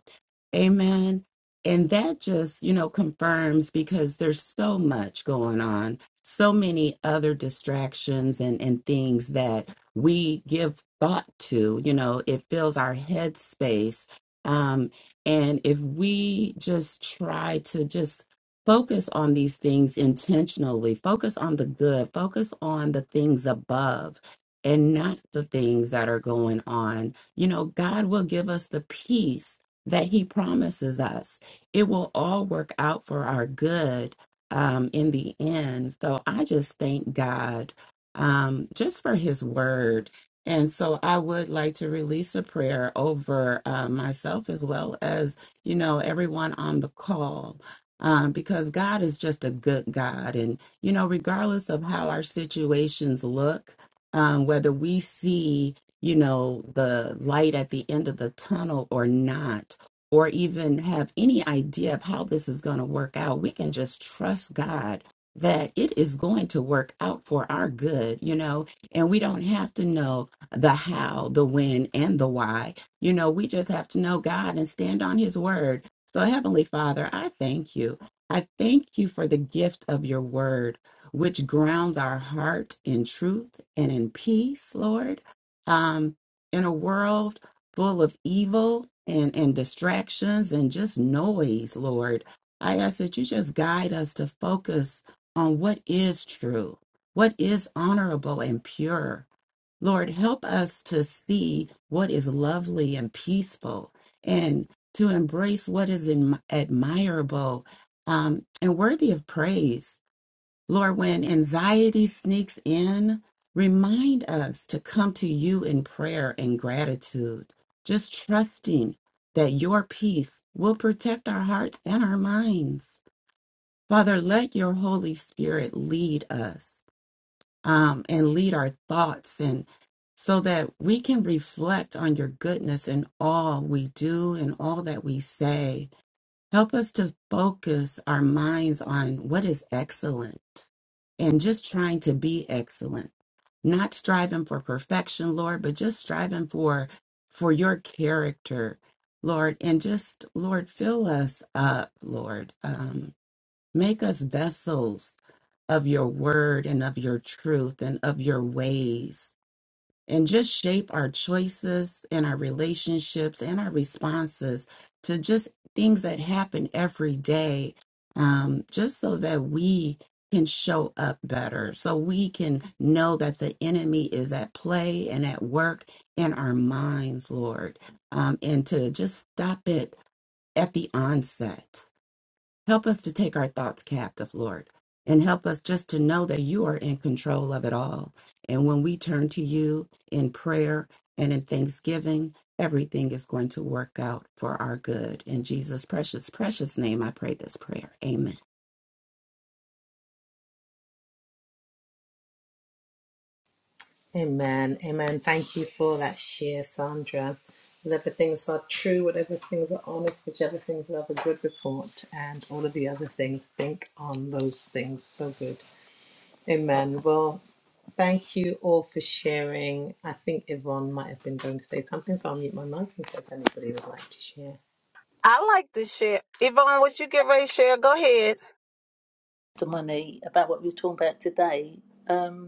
S7: Amen. And that just, you know, confirms because there's so much going on, so many other distractions and, and things that we give thought to, you know, it fills our head space. Um, and if we just try to just focus on these things intentionally, focus on the good, focus on the things above and not the things that are going on, you know, God will give us the peace that he promises us. It will all work out for our good um, in the end. So I just thank God um, just for his word. And so I would like to release a prayer over uh, myself as well as, you know, everyone on the call. Um, because God is just a good God. And, you know, regardless of how our situations look, um, whether we see, you know, the light at the end of the tunnel or not, or even have any idea of how this is going to work out, we can just trust God that it is going to work out for our good, you know, and we don't have to know the how, the when, and the why. You know, we just have to know God and stand on His word. So, Heavenly Father, I thank you. I thank you for the gift of your word, which grounds our heart in truth and in peace, Lord. Um, in a world full of evil and, and distractions and just noise, Lord. I ask that you just guide us to focus on what is true, what is honorable and pure. Lord, help us to see what is lovely and peaceful and to embrace what is adm- admirable um, and worthy of praise. Lord, when anxiety sneaks in, remind us to come to you in prayer and gratitude, just trusting that your peace will protect our hearts and our minds. Father, let your Holy Spirit lead us um, and lead our thoughts and so that we can reflect on your goodness in all we do and all that we say. Help us to focus our minds on what is excellent and just trying to be excellent. Not striving for perfection, Lord, but just striving for for your character, Lord, and just Lord, fill us up, Lord. Um, make us vessels of your word and of your truth and of your ways and just shape our choices and our relationships and our responses to just things that happen every day, um, just so that we can show up better, so we can know that the enemy is at play and at work in our minds, Lord, um, and to just stop it at the onset Help us to take our thoughts captive, Lord, and help us just to know that you are in control of it all. And when we turn to you in prayer and in thanksgiving, everything is going to work out for our good. In Jesus' precious, precious name, I pray this prayer. Amen.
S2: Amen. Amen. Thank you for that share, Sandra. Whatever things are true, whatever things are honest, whichever things are of a good report, and all of the other things, think on those things. So good. Amen. Well, thank you all for sharing. I think Yvonne might have been going to say something, so I'll mute my mic in case anybody would like to share.
S3: I like this shit. Yvonne, what you get ready to share? Go ahead.
S4: The money about what we're talking about today. Um,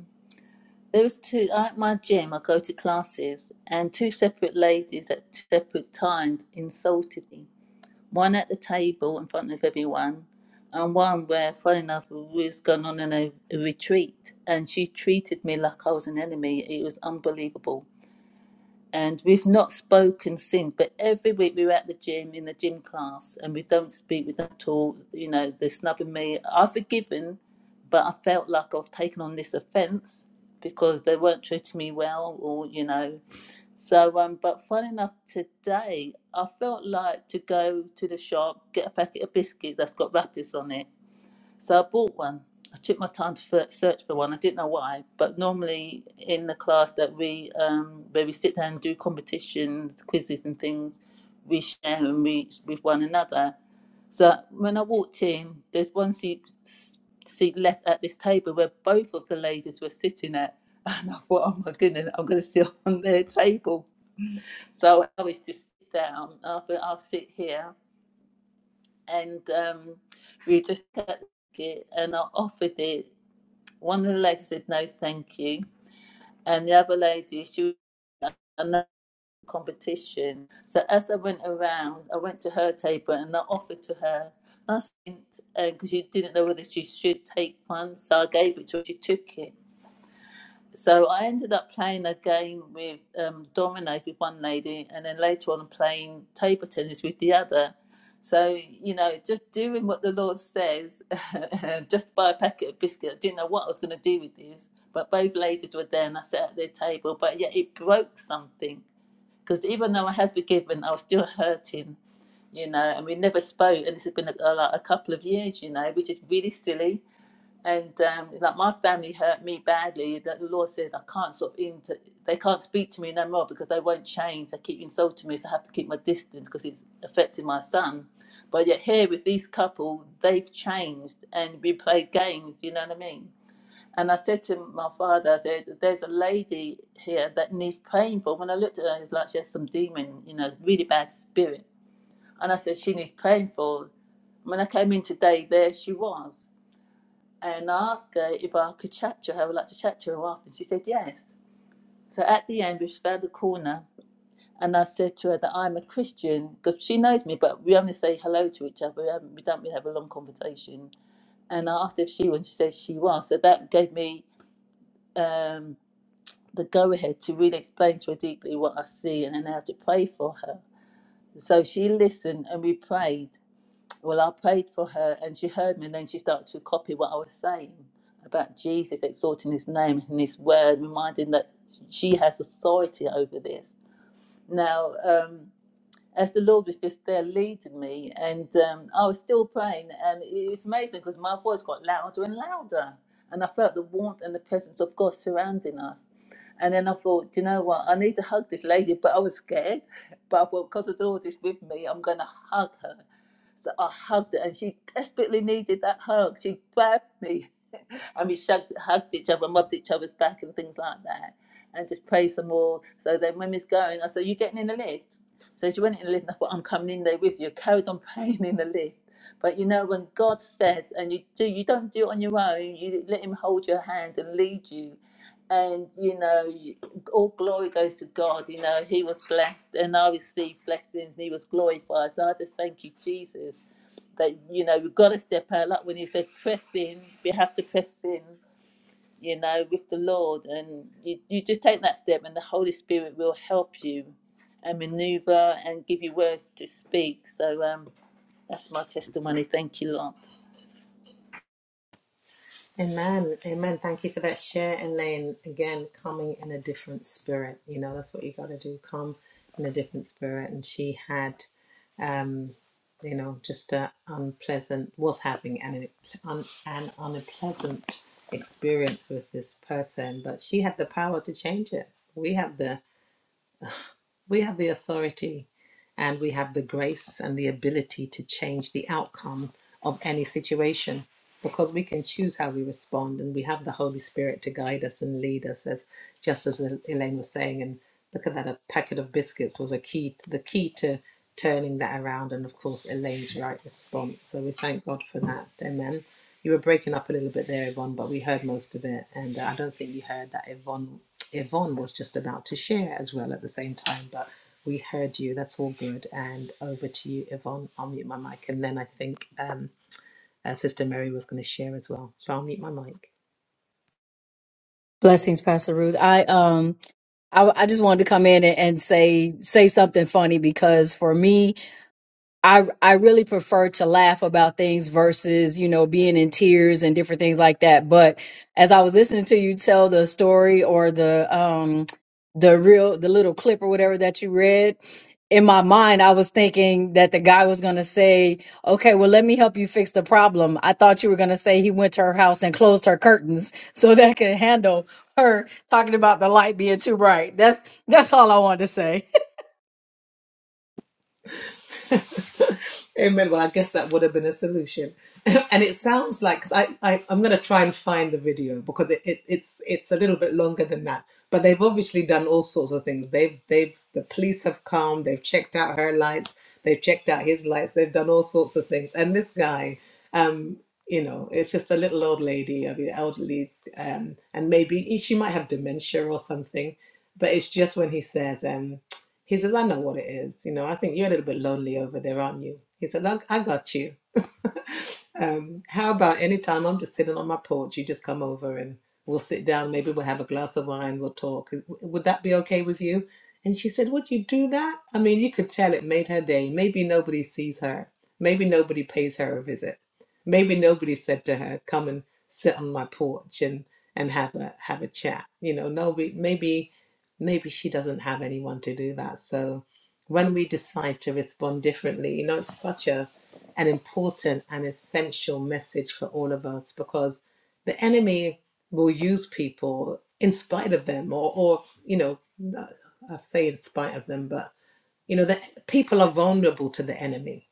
S4: There was two at my gym. I go to classes, and two separate ladies at two separate times insulted me. One at the table in front of everyone, and one where, funny enough, we was going on in a, a retreat, and she treated me like I was an enemy. It was unbelievable and we've not spoken since. But every week we were at the gym in the gym class, and we don't speak, we don't talk. You know, they're snubbing me. I've forgiven, but I felt like I've taken on this offence because they weren't treating me well, or you know. So, um, but funny enough today, I felt like to go to the shop, get a packet of biscuits that's got wrappers on it, so I bought one. I took my time to fir- search for one. I didn't know why, but normally in the class that we um, where we sit down and do competitions, quizzes, and things, we share and reach with one another. So when I walked in, there's one seat seat left at this table where both of the ladies were sitting at, and I thought, oh my goodness, I'm going to sit on their table. So I was just sit down. I thought I'll sit here, and um, we just kept it, and I offered it one of the ladies said no, thank you, and the other lady she was in another competition. So as I went around, I went to her table and I offered to her. I said, because uh, she didn't know whether she should take one, so I gave it to her. She took it, so I ended up playing a game with um, dominoes with one lady, and then later on playing table tennis with the other. So you know, just doing what the Lord says, just buy a packet of biscuits. I didn't know what I was going to do with this, but both ladies were there, and I sat at their table. But yeah, it broke something because even though I had forgiven, I was still hurting, you know. And we never spoke, and this has been a, a, like a couple of years, you know, which is really silly and um, like my family hurt me badly. That the Lord said I can't sort of inter- they can't speak to me no more because they won't change. They keep insulting me, so I have to keep my distance because it's affecting my son. But yet here with these couple, they've changed and we played games. You know what I mean? And I said to my father, I said, "There's a lady here that needs praying for." When I looked at her, it's like she has some demon, you know, really bad spirit. And I said, "She needs praying for." When I came in today, there she was and I asked her if I could chat to her. I would like to chat to her after. She said yes. So at the end, we found the corner, and I said to her that I'm a Christian because she knows me, but we only say hello to each other. We, haven't, we don't really have a long conversation. And I asked if she was, and she said she was. So that gave me um, the go ahead to really explain to her deeply what I see and then how to pray for her. So she listened and we prayed. Well, I prayed for her and she heard me, and then she started to copy what I was saying about Jesus exalting his name and his word, reminding that she has authority over this. Now, um, as the Lord was just there leading me. And um, I was still praying, and it was amazing because my voice got louder and louder. And I felt the warmth and the presence of God surrounding us. And then I thought, "Do you know what? I need to hug this lady, but I was scared. But I thought, because the Lord is with me, I'm going to hug her. So I hugged her, and she desperately needed that hug. She grabbed me and we shugged, hugged each other, mobbed each other's back, and things like that, and just pray some more. So then, when Miss going, I said, "You getting in the lift?" So she went in the lift, and I thought, "I'm coming in there with you." Carried on praying in the lift. But you know, when God says, and you do, you don't do it on your own. You let Him hold your hand and lead you. And you know, you- all glory goes to God. You know, He was blessed, and I received blessings, and He was glorified. So I just thank you, Jesus that you know we've got to step out like when he said press in we have to press in you know with the lord and you, you just take that step and the holy spirit will help you and maneuver and give you words to speak so um that's my testimony thank you lord
S2: Amen. Amen. Thank you for that share, Elaine. Again, coming in a different spirit. You know, that's what you got to do. Come in a different spirit. And she had, um, you know, just a unpleasant, was having an, un, an unpleasant experience with this person, but she had the power to change it. We have the, we have the authority and we have the grace and the ability to change the outcome of any situation because we can choose how we respond and we have the holy spirit to guide us and lead us as just as elaine was saying and look at that a packet of biscuits was a key to, the key to turning that around and of course elaine's right response so we thank god for that amen you were breaking up a little bit there yvonne but we heard most of it and uh, i don't think you heard that yvonne yvonne was just about to share as well at the same time but we heard you. That's all good. And over to you, Yvonne. I'll mute my mic. And then I think um, uh, Sister Mary was going to share as well. So I'll mute my mic.
S5: Blessings, Pastor Ruth. I um I, I just wanted to come in and, and say say something funny because for me, I I really prefer to laugh about things versus, you know, being in tears and different things like that. But as I was listening to you tell the story or the um the real the little clip or whatever that you read, in my mind I was thinking that the guy was going to say, "Okay, well let me help you fix the problem." I thought you were going to say he went to her house and closed her curtains so that could handle her talking about the light being too bright. That's that's all I wanted to say.
S2: Amen. Well, I guess that would have been a solution. and it sounds like 'cause I, I I'm going to try and find the video because it, it it's it's a little bit longer than that. But they've obviously done all sorts of things. They've they've the police have come. They've checked out her lights. They've checked out his lights. They've done all sorts of things. And this guy, um, you know, it's just a little old lady. I mean, elderly, um, and maybe she might have dementia or something. But it's just when he says, um he says, I know what it is. You know, I think you're a little bit lonely over there, aren't you? He said, I, I got you. Um, how about any time I'm just sitting on my porch, you just come over and we'll sit down, maybe we'll have a glass of wine, we'll talk. Is- Would that be okay with you? And she said, Would you do that? I mean, you could tell it made her day. Maybe nobody sees her. Maybe nobody pays her a visit. Maybe nobody said to her, Come and sit on my porch and, and have a have a chat. You know, nobody maybe maybe she doesn't have anyone to do that. So when we decide to respond differently, you know, it's such a an important and essential message for all of us because the enemy will use people in spite of them or, or you know i say in spite of them but you know that people are vulnerable to the enemy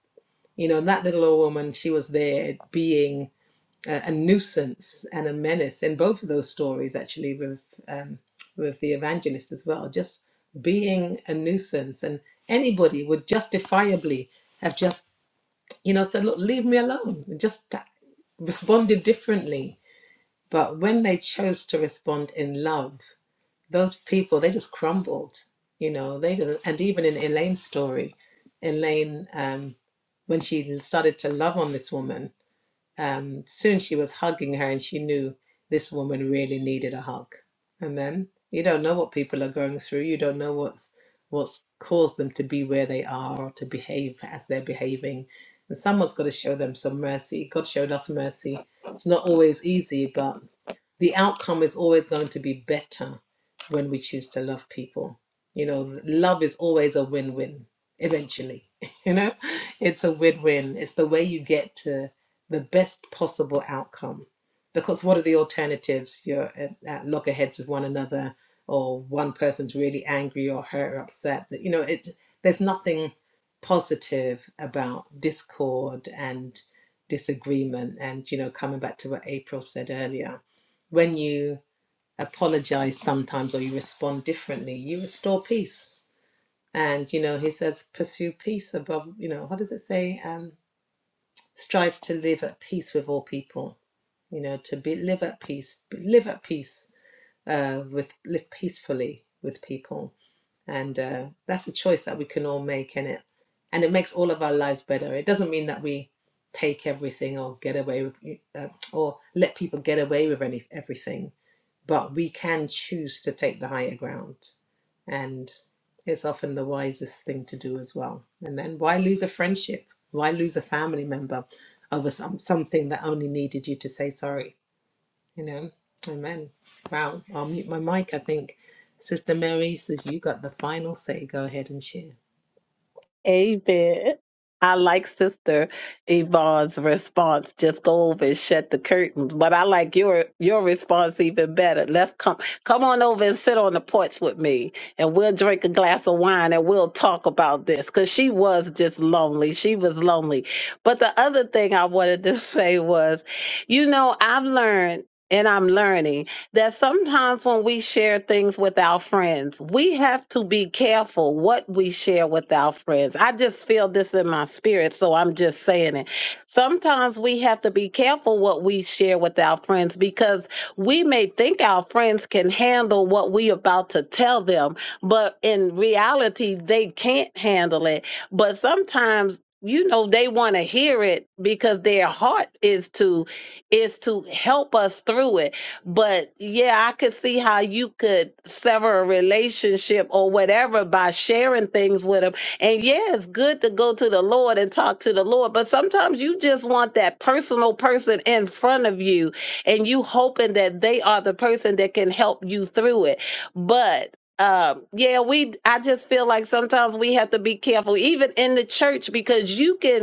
S2: you know that little old woman she was there being a, a nuisance and a menace in both of those stories actually with um, with the evangelist as well just being a nuisance and anybody would justifiably have just you know, said, look, leave me alone. Just responded differently. But when they chose to respond in love, those people, they just crumbled, you know, they just, and even in Elaine's story, Elaine, um, when she started to love on this woman, um, soon she was hugging her, and she knew this woman really needed a hug. And then You don't know what people are going through. You don't know what's what's caused them to be where they are or to behave as they're behaving. And someone's got to show them some mercy. God showed us mercy. It's not always easy, but the outcome is always going to be better when we choose to love people. You know, love is always a win win eventually. You know, it's a win win. It's the way you get to the best possible outcome. Because what are the alternatives? You're at, at loggerheads with one another, or one person's really angry or hurt or upset. That you know, it there's nothing positive about discord and disagreement. And you know, coming back to what April said earlier, when you apologize sometimes or you respond differently, you restore peace. And you know, he says, pursue peace above. You know, what does it say? Um, strive to live at peace with all people you know to be live at peace live at peace uh with live peacefully with people and uh that's a choice that we can all make in it and it makes all of our lives better it doesn't mean that we take everything or get away with uh, or let people get away with any, everything but we can choose to take the higher ground. And it's often the wisest thing to do as well. And then why lose a friendship? Why lose a family member over some, something that only needed you to say sorry? You know? Amen. Wow. I'll mute my mic. I think Sister Mary says you got the final say. Go ahead and share.
S3: Amen. I like Sister Yvonne's response. Just go over and shut the curtains. But I like your your response even better. Let's come come on over and sit on the porch with me, and we'll drink a glass of wine and we'll talk about this. Cause she was just lonely. She was lonely. But the other thing I wanted to say was, you know, I've learned and I'm learning that sometimes when we share things with our friends, we have to be careful what we share with our friends. I just feel this in my spirit, so I'm just saying it. Sometimes we have to be careful what we share with our friends because we may think our friends can handle what we about to tell them, but in reality they can't handle it. But sometimes you know they want to hear it because their heart is to is to help us through it but yeah, I could see how you could sever a relationship or whatever by sharing things with them. And yeah, it's good to go to the Lord and talk to the Lord, but sometimes you just want that personal person in front of you and you hoping that they are the person that can help you through it. But um yeah we i just feel like sometimes we have to be careful even in the church because you can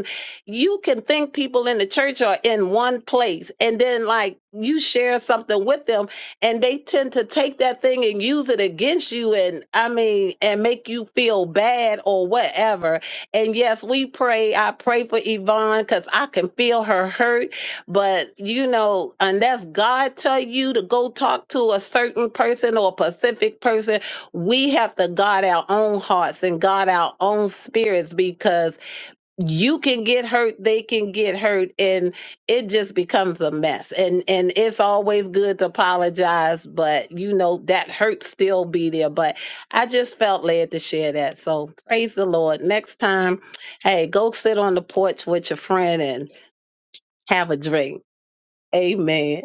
S3: you can think people in the church are in one place and then like you share something with them and they tend to take that thing and use it against you and i mean and make you feel bad or whatever and yes we pray i pray for yvonne because i can feel her hurt but you know unless god tell you to go talk to a certain person or a specific person we have to guard our own hearts and guard our own spirits because you can get hurt they can get hurt and it just becomes a mess and and it's always good to apologize but you know that hurt still be there but i just felt led to share that so praise the lord next time hey go sit on the porch with your friend and have a drink amen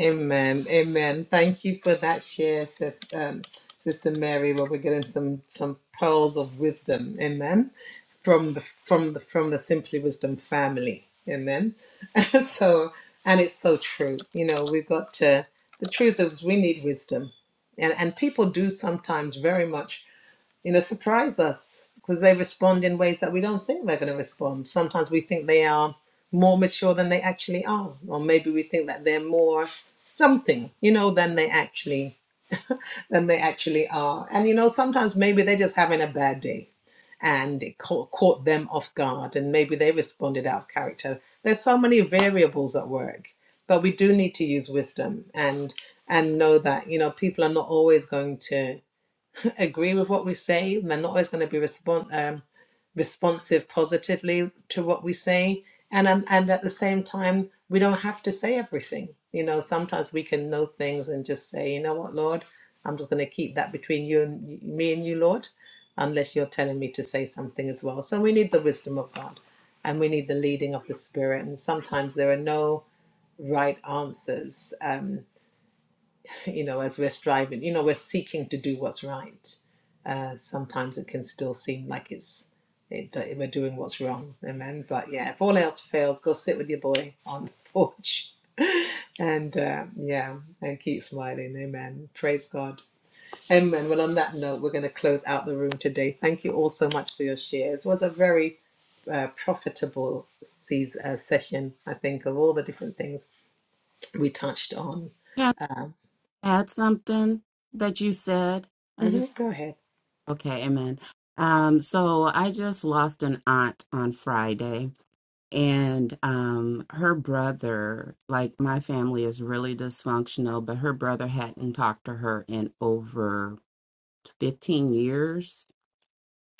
S2: Amen. Amen. Thank you for that share, Sis- um, Sister Mary. Where we're getting some some pearls of wisdom. Amen. From the from the from the Simply Wisdom family. Amen. So and it's so true. You know, we've got to the truth is we need wisdom. And and people do sometimes very much you know, surprise us because they respond in ways that we don't think they're going to respond. Sometimes we think they are more mature than they actually are, or maybe we think that they're more something, you know, than they actually than they actually are. And you know, sometimes maybe they're just having a bad day and it caught, caught them off guard, and maybe they responded out of character. There's so many variables at work, but we do need to use wisdom and and know that you know people are not always going to agree with what we say. and They're not always going to be respon um, responsive positively to what we say. And, um, and at the same time, we don't have to say everything. You know, sometimes we can know things and just say, you know what, Lord, I'm just going to keep that between you and me and you, Lord, unless you're telling me to say something as well. So we need the wisdom of God and we need the leading of the Spirit. And sometimes there are no right answers, um, you know, as we're striving, you know, we're seeking to do what's right uh, sometimes it can still seem like it's it, do- we're doing what's wrong. Amen. But yeah, if all else fails, go sit with your boy on the porch and uh, yeah, and keep smiling. Amen. Praise God. Amen. Well, on that note, we're going to close out the room today. Thank you all so much for your shares. It was a very uh, profitable season, uh, session, I think, of all the different things we touched on.
S7: Can
S2: Um,
S7: I add something that you said? I just,
S2: mhm, Go ahead.
S7: okay, amen. Um, so I just lost an aunt on Friday and um her brother like my family is really dysfunctional but her brother hadn't talked to her in over 15 years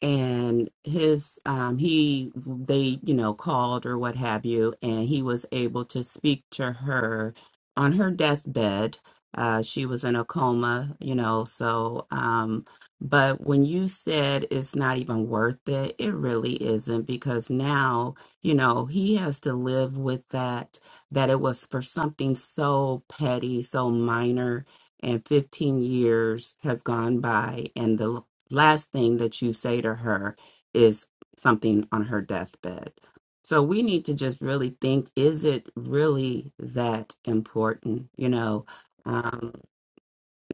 S7: and his um he they you know called or what have you and he was able to speak to her on her deathbed uh she was in a coma you know so um but when you said it's not even worth it it really isn't because now you know he has to live with that that it was for something so petty so minor and 15 years has gone by and the last thing that you say to her is something on her deathbed. So we need to just really think is it really that important? You know, um,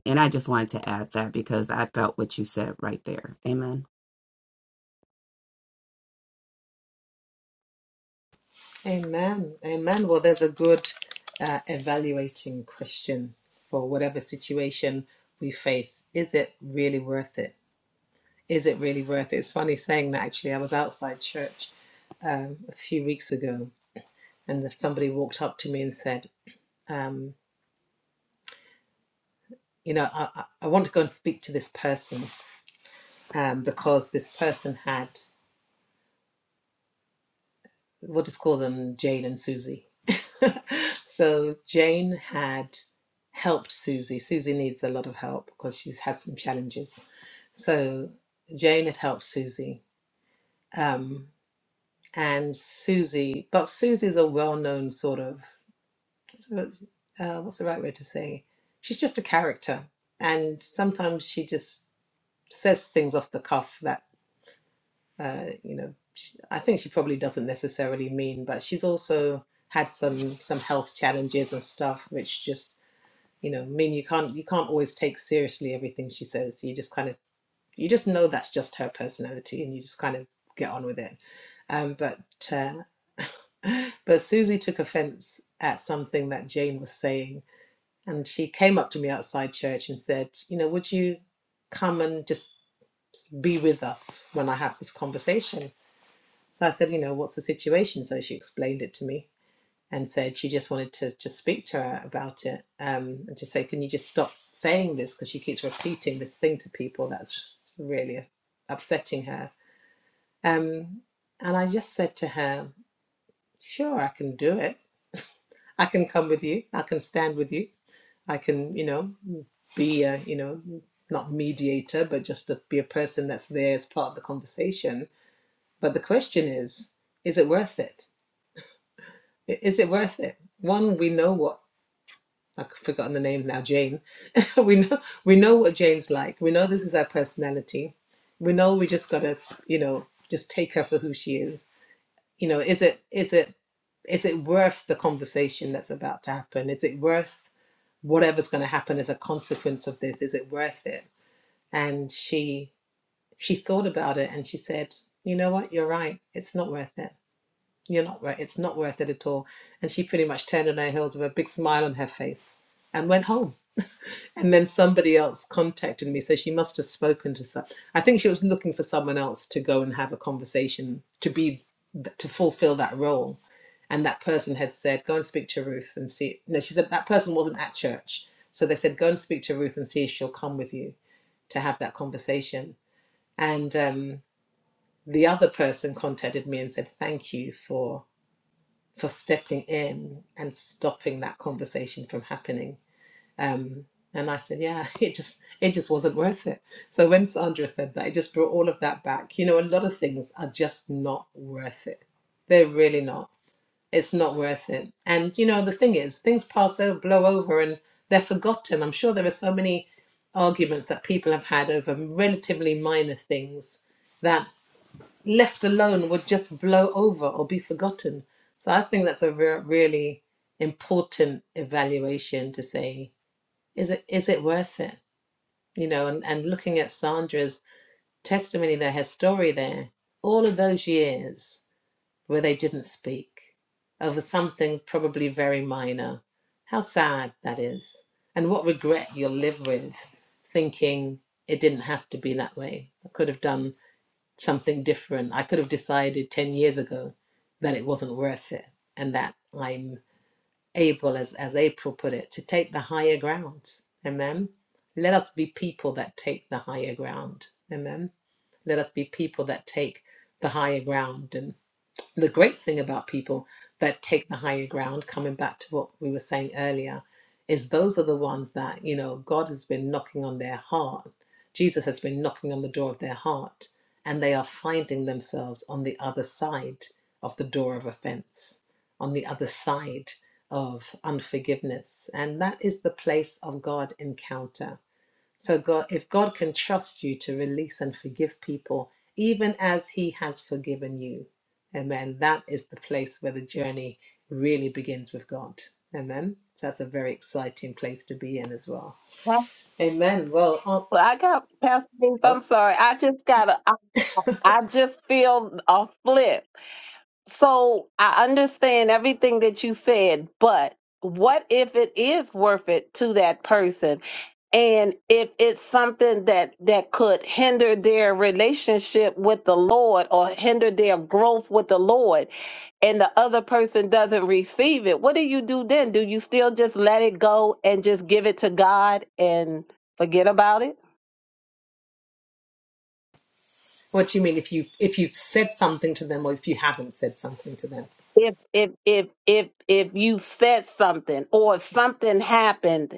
S7: and I just wanted to add that because I felt what you said right there. Amen.
S2: Amen. Amen. Well, there's a good uh, evaluating question for whatever situation we face. Is it really worth it? Is it really worth it? It's funny saying that actually. I was outside church um, a few weeks ago and the- somebody walked up to me and said, um, You know, I, I I want to go and speak to this person um, because this person had we'll just call them Jane and Susie. so Jane had helped Susie. Susie needs a lot of help because she's had some challenges. So Jane had helped Susie. Um, and Susie, but Susie's a well known sort of, uh, what's the right way to say? She's just a character. And sometimes she just says things off the cuff that. uh, you know, she, I think she probably doesn't necessarily mean, but she's also had some some health challenges and stuff, which just you know mean you can't you can't always take seriously everything she says. You just kind of you just know that's just her personality, and you just kind of get on with it. Um, but uh, but Susie took offense at something that Jane was saying, and she came up to me outside church and said, you know, would you come and just be with us when I have this conversation? So I said, you know, what's the situation? So she explained it to me and said she just wanted to just speak to her about it um, and just say, can you just stop saying this? Because she keeps repeating this thing to people that's really upsetting her. Um, and I just said to her, sure, I can do it. I can come with you. I can stand with you. I can, you know, be a, you know, not mediator, but just to be a person that's there as part of the conversation. But the question is, is it worth it? I- Is it worth it? One, we know what I've forgotten the name now, Jane. we know we know what Jane's like. We know this is her personality. We know we just gotta, you know, just take her for who she is. You know, is it is it is it worth the conversation that's about to happen? Is it worth whatever's gonna happen as a consequence of this? Is it worth it? And she she thought about it and she said, you know what, you're right, it's not worth it You're not worth it's not worth it at all. And she pretty much turned on her heels with a big smile on her face and went home. And then somebody else contacted me. So she must have spoken to some I think she was looking for someone else to go and have a conversation to be to fulfill that role. And that person had said, Go and speak to Ruth and see no, she said that person wasn't at church. So they said, Go and speak to Ruth and see if she'll come with you to have that conversation. And um, the other person contacted me and said, Thank you for for stepping in and stopping that conversation from happening. Um, and I said, yeah, it just it just wasn't worth it. So when Sandra said that, it just brought all of that back. You know, a lot of things are just not worth it. They're really not. It's not worth it. And you know, the thing is, things pass over, blow over, and they're forgotten. I'm sure there are so many arguments that people have had over relatively minor things that left alone would just blow over or be forgotten. So I think that's a re- really important evaluation to say is it is it worth it? You know, and, and looking at Sandra's testimony there, her story there, all of those years where they didn't speak over something probably very minor, how sad that is, and what regret you'll live with thinking it didn't have to be that way. I could have done something different. I could have decided 10 years ago that it wasn't worth it and that I'm able, as, as April put it, to take the higher ground. Amen. Let us be people that take the higher ground. Amen. Let us be people that take the higher ground and the great thing about people that take the higher ground, coming back to what we were saying earlier, is those are the ones that, you know, God has been knocking on their heart. Jesus has been knocking on the door of their heart, and they are finding themselves on the other side of the door of offense, on the other side of unforgiveness. And that is the place of God encounter so God, if God can trust you to release and forgive people, even as He has forgiven you, Amen. That is the place where the journey really begins with God, Amen. So that's a very exciting place to be in as well,
S3: well
S2: Amen. Well, Aunt-
S3: i got pastor Ruth, i'm sorry i just gotta i, I just feel a flip So I understand everything that you said, but what if it is worth it to that person? And if it's something that that could hinder their relationship with the Lord or hinder their growth with the Lord, and the other person doesn't receive it, what do you do then? Do you still just let it go and just give it to God and forget about it?
S2: what do you mean if you if you've said something to them or if you haven't said something to them?
S3: If if if if if you said something or something happened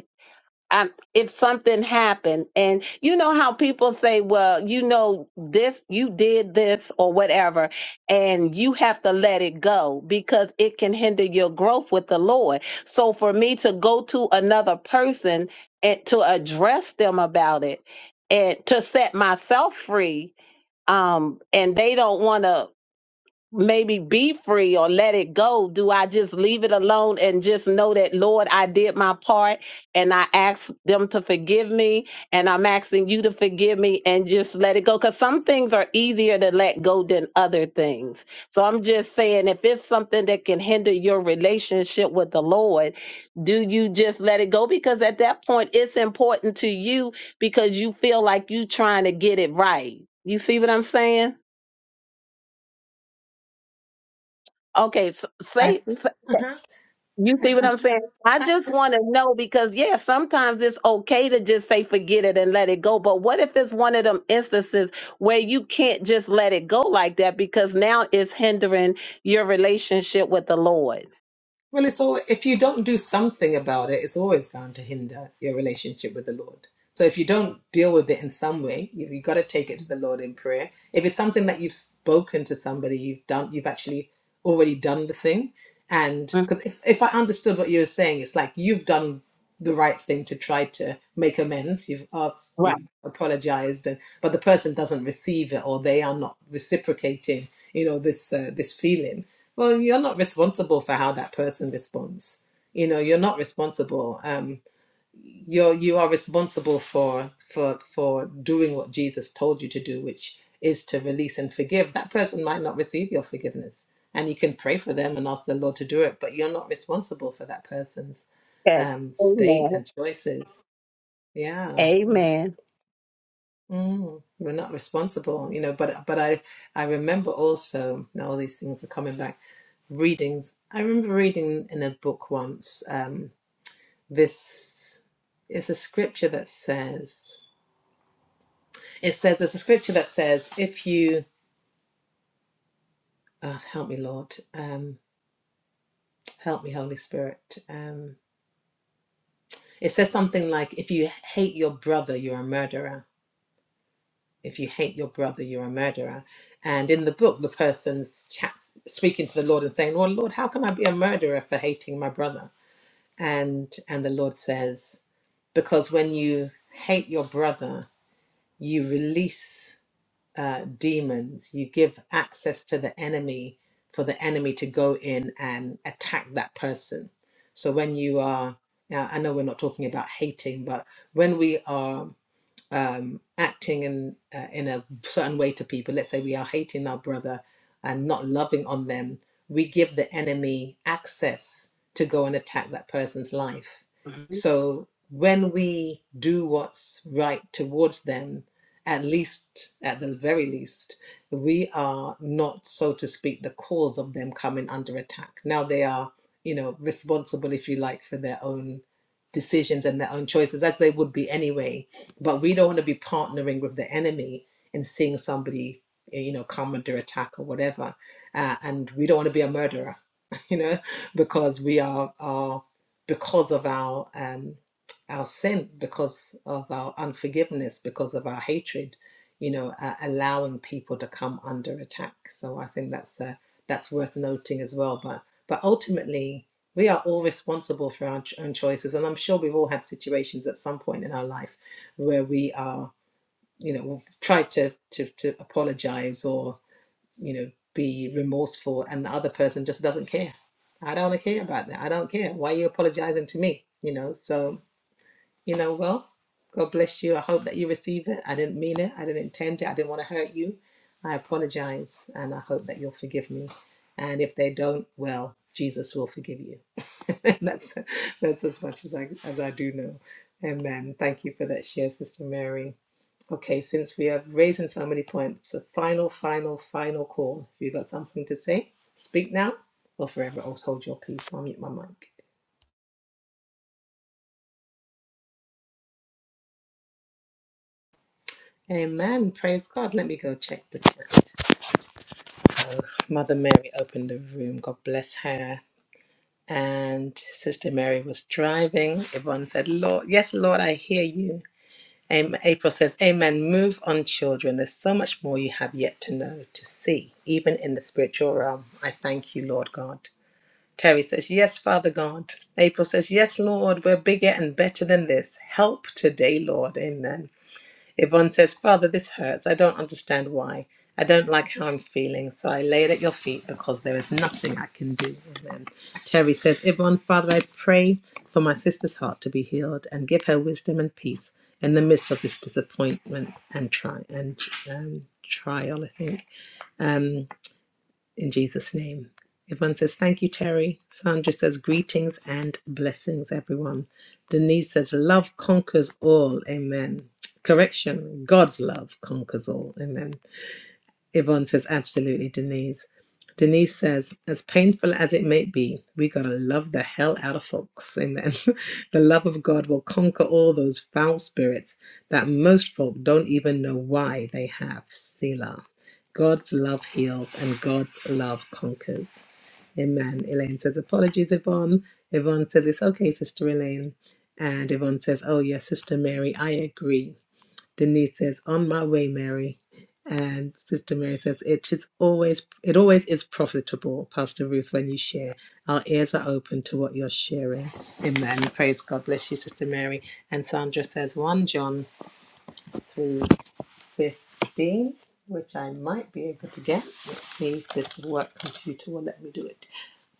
S3: um, if something happened and you know how people say well you know this you did this or whatever and you have to let it go because it can hinder your growth with the lord so for me to go to another person and to address them about it and to set myself free um and they don't want to maybe be free or let it go? Do I just leave it alone and just know that, Lord, I did my part and I asked them to forgive me and I'm asking you to forgive me and just let it go? Because some things are easier to let go than other things. So I'm just saying, if it's something that can hinder your relationship with the Lord, do you just let it go? Because at that point, it's important to you because you feel like you trying to get it right. You see what I'm saying? Okay, so
S2: I
S3: say
S2: think. Uh-huh.
S3: You see what
S2: I,
S3: I'm saying? I
S2: I,
S3: just want to know because, yeah, sometimes it's okay to just say forget it and let it go. But what if it's one of them instances where you can't just let it go like that because now it's hindering your relationship with the Lord?
S2: Well, it's all if you don't do something about it, it's always going to hinder your relationship with the Lord. So if you don't deal with it in some way, you you got to take it to the Lord in prayer. If it's something that you've spoken to somebody, you've done, you've actually already done the thing, and
S3: Mm,
S2: because if if I understood what you were saying, it's like you've done the right thing to try to make amends. You've asked,
S3: Right.
S2: you've apologized, and but the person doesn't receive it, or they are not reciprocating. You know this uh, this feeling. Well, you're not responsible for how that person responds. You know, you're not responsible. Um, you're you are responsible for for for doing what Jesus told you to do, which is to release and forgive. That person might not receive your forgiveness, and you can pray for them and ask the Lord to do it, but you're not responsible for that person's
S3: Okay.
S2: um, state and choices. Yeah,
S3: Amen.
S2: mm, we're not responsible. You know, but but I I remember also now all these things are coming back readings. I remember reading in a book once um, this is a scripture that says it said there's a scripture that says if you oh, help me Lord um, help me Holy Spirit um, it says something like if you hate your brother you're a murderer if you hate your brother you're a murderer and in the book the person's chat speaking to the Lord and saying well Lord how can I be a murderer for hating my brother and and the Lord says because when you hate your brother, you release uh, demons, you give access to the enemy for the enemy to go in and attack that person. So when you are, now I know we're not talking about hating, but when we are um, acting in uh, in a certain way to people. Let's say we are hating our brother and not loving on them. We give the enemy access to go and attack that person's life.
S3: Amen.
S2: So when we do what's right towards them, at least at the very least, we are not, so to speak, the cause of them coming under attack. Now they are, you know, responsible, if you like, for their own decisions and their own choices, as they would be anyway but we don't want to be partnering with the enemy and seeing somebody eh, you know come under attack or whatever uh, and we don't want to be a murderer you know because we are are because of our um our sin because of our unforgiveness because of our hatred you know uh, allowing people to come under attack so i think that's uh, that's worth noting as well but but ultimately we are all responsible for our ch- own choices and i'm sure we've all had situations at some point in our life where we are, you know, try to, to, to apologize or, you know, be remorseful and the other person just doesn't care. I don't care about that. I don't care. Why are you apologizing to me? You know, so, you know, well, God bless you. I hope that you receive it. I didn't mean it. I didn't intend it. I didn't want to hurt you. I apologize and I hope that you'll forgive me. And if they don't, well, Jesus will forgive you. that's that's as much as I as I do know. Amen. Thank you for that share, Sister Mary. Okay, since we have raised so many points, a final, final, final call. If you've got something to say, speak now or forever Oh, hold your peace. I'll mute my mic. Amen. Praise God. Let me go check the chat. Oh, Mother Mary opened the room. God bless her. And Sister Mary was driving. Yvonne said, Lord, yes, Lord, I hear you. Am- April says, Amen. Move on, children. There's so much more you have yet to know, to see, even in the spiritual realm. I thank you, Lord God. Terry says, Yes, Father God. April says, Yes, Lord, we're bigger and better than this. Help today, Lord. Amen. Yvonne says, Father, this hurts. I don't understand why. I don't like how I'm feeling, so I lay it at your feet because there is nothing I can do. Amen. Terry says, Yvonne, Father, I pray for my sister's heart to be healed and give her wisdom and peace in the midst of this disappointment and, tri- and um, trial, I think. Um, in Jesus' name. Yvonne says, Thank you, Terry. Sandra says, Greetings and blessings, everyone. Denise says, Love conquers all. Amen. Correction, God's love conquers all. Amen. Yvonne says, absolutely, Denise. Denise says, as painful as it may be, we gotta love the hell out of folks. Amen. the love of God will conquer all those foul spirits that most folk don't even know why they have. Selah. God's love heals and God's love conquers. Amen. Elaine says, apologies, Yvonne. Yvonne says, it's okay, Sister Elaine. And Yvonne says, oh, yes, Sister Mary, I agree. Denise says, "On my way, Mary," and Sister Mary says, "It is always, it always is profitable, Pastor Ruth, when you share. Our ears are open to what you're sharing." Amen. Praise God. Bless you, Sister Mary. And Sandra says, "1 John three fifteen, which I might be able to get. Let's see if this work computer will let me do it.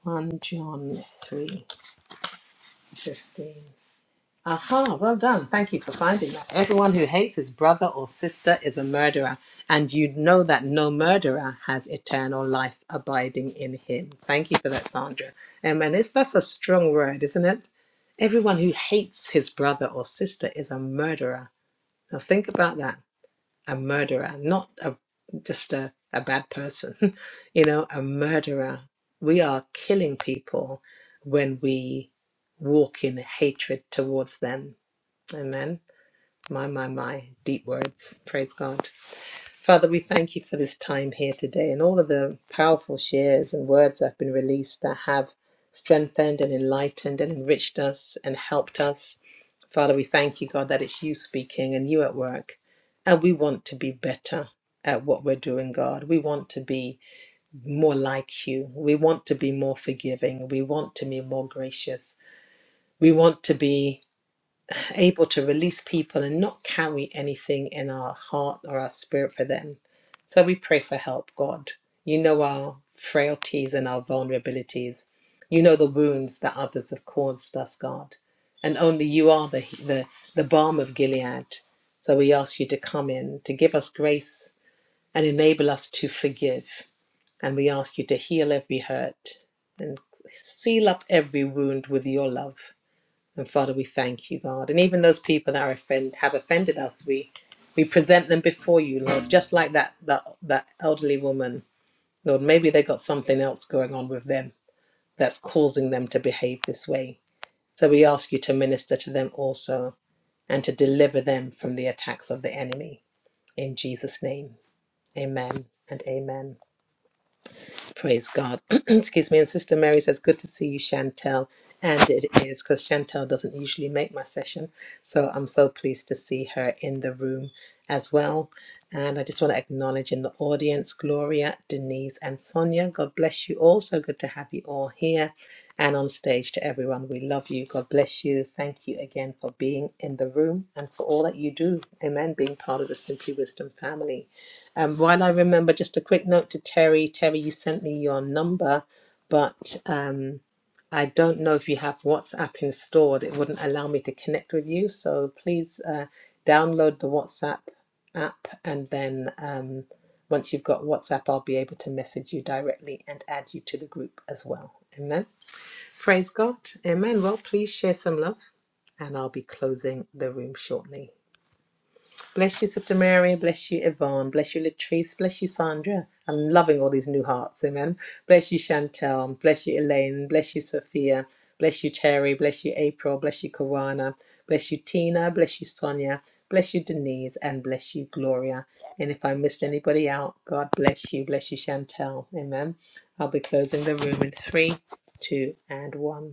S2: 1 John three fifteen. Aha, well done. Thank you for finding that. Everyone who hates his brother or sister is a murderer, and you know that no murderer has eternal life abiding in him. Thank you for that, Sandra. Um, and it's, that's a strong word, isn't it? Everyone who hates his brother or sister is a murderer. Now think about that a murderer, not a, just a, a bad person, you know, a murderer. We are killing people when we walk in hatred towards them Amen. My, my, my. Deep words. Praise God. Father, we thank you for this time here today and all of the powerful shares and words that have been released that have strengthened and enlightened and enriched us and helped us. Father, we thank you, God, that it's you speaking and you at work. And we want to be better at what we're doing, God. We want to be more like you. We want to be more forgiving. We want to be more gracious. We want to be able to release people and not carry anything in our heart or our spirit for them. So we pray for help, God. You know our frailties and our vulnerabilities. You know the wounds that others have caused us, God. And only you are the, the, the balm of Gilead. So we ask you to come in, to give us grace and enable us to forgive. And we ask you to heal every hurt and seal up every wound with your love and Father, we thank you, God. And even those people that are offend have offended us, we we present them before you, Lord, just like that that that elderly woman. Lord, maybe they got something else going on with them that's causing them to behave this way. So we ask you to minister to them also and to deliver them from the attacks of the enemy. In Jesus' name. Amen and amen. Praise God. Excuse me. And Sister Mary says, Good to see you, Chantel. And it is because Chantel doesn't usually make my session. So I'm so pleased to see her in the room as well. And I just want to acknowledge in the audience Gloria, Denise, and Sonia. God bless you all. So good to have you all here and on stage to everyone. We love you. God bless you. Thank you again for being in the room and for all that you do. Amen. Being part of the Simply Wisdom family. Um, while I remember, just a quick note to Terry. Terry, you sent me your number, but um, I don't know if you have WhatsApp installed. It wouldn't allow me to connect with you. So please uh, download the WhatsApp app, and then um, once you've got WhatsApp, I'll be able to message you directly and add you to the group as well. Amen. Praise God. Amen. Well, please share some love, and I'll be closing the room shortly. Bless you, Sister Mary. Bless you, Yvonne. Bless you, Latrice. Bless you, Sandra. I'm loving all these new hearts. Amen. Bless you, Chantel. Bless you, Elaine. Bless you, Sophia. Bless you, Terry. Bless you, April. Bless you, Kawana. Bless you, Tina. Bless you, Sonia. Bless you, Denise. And bless you, Gloria. And if I missed anybody out, God bless you. Bless you, Chantel. Amen. I'll be closing the room in three, two, and one.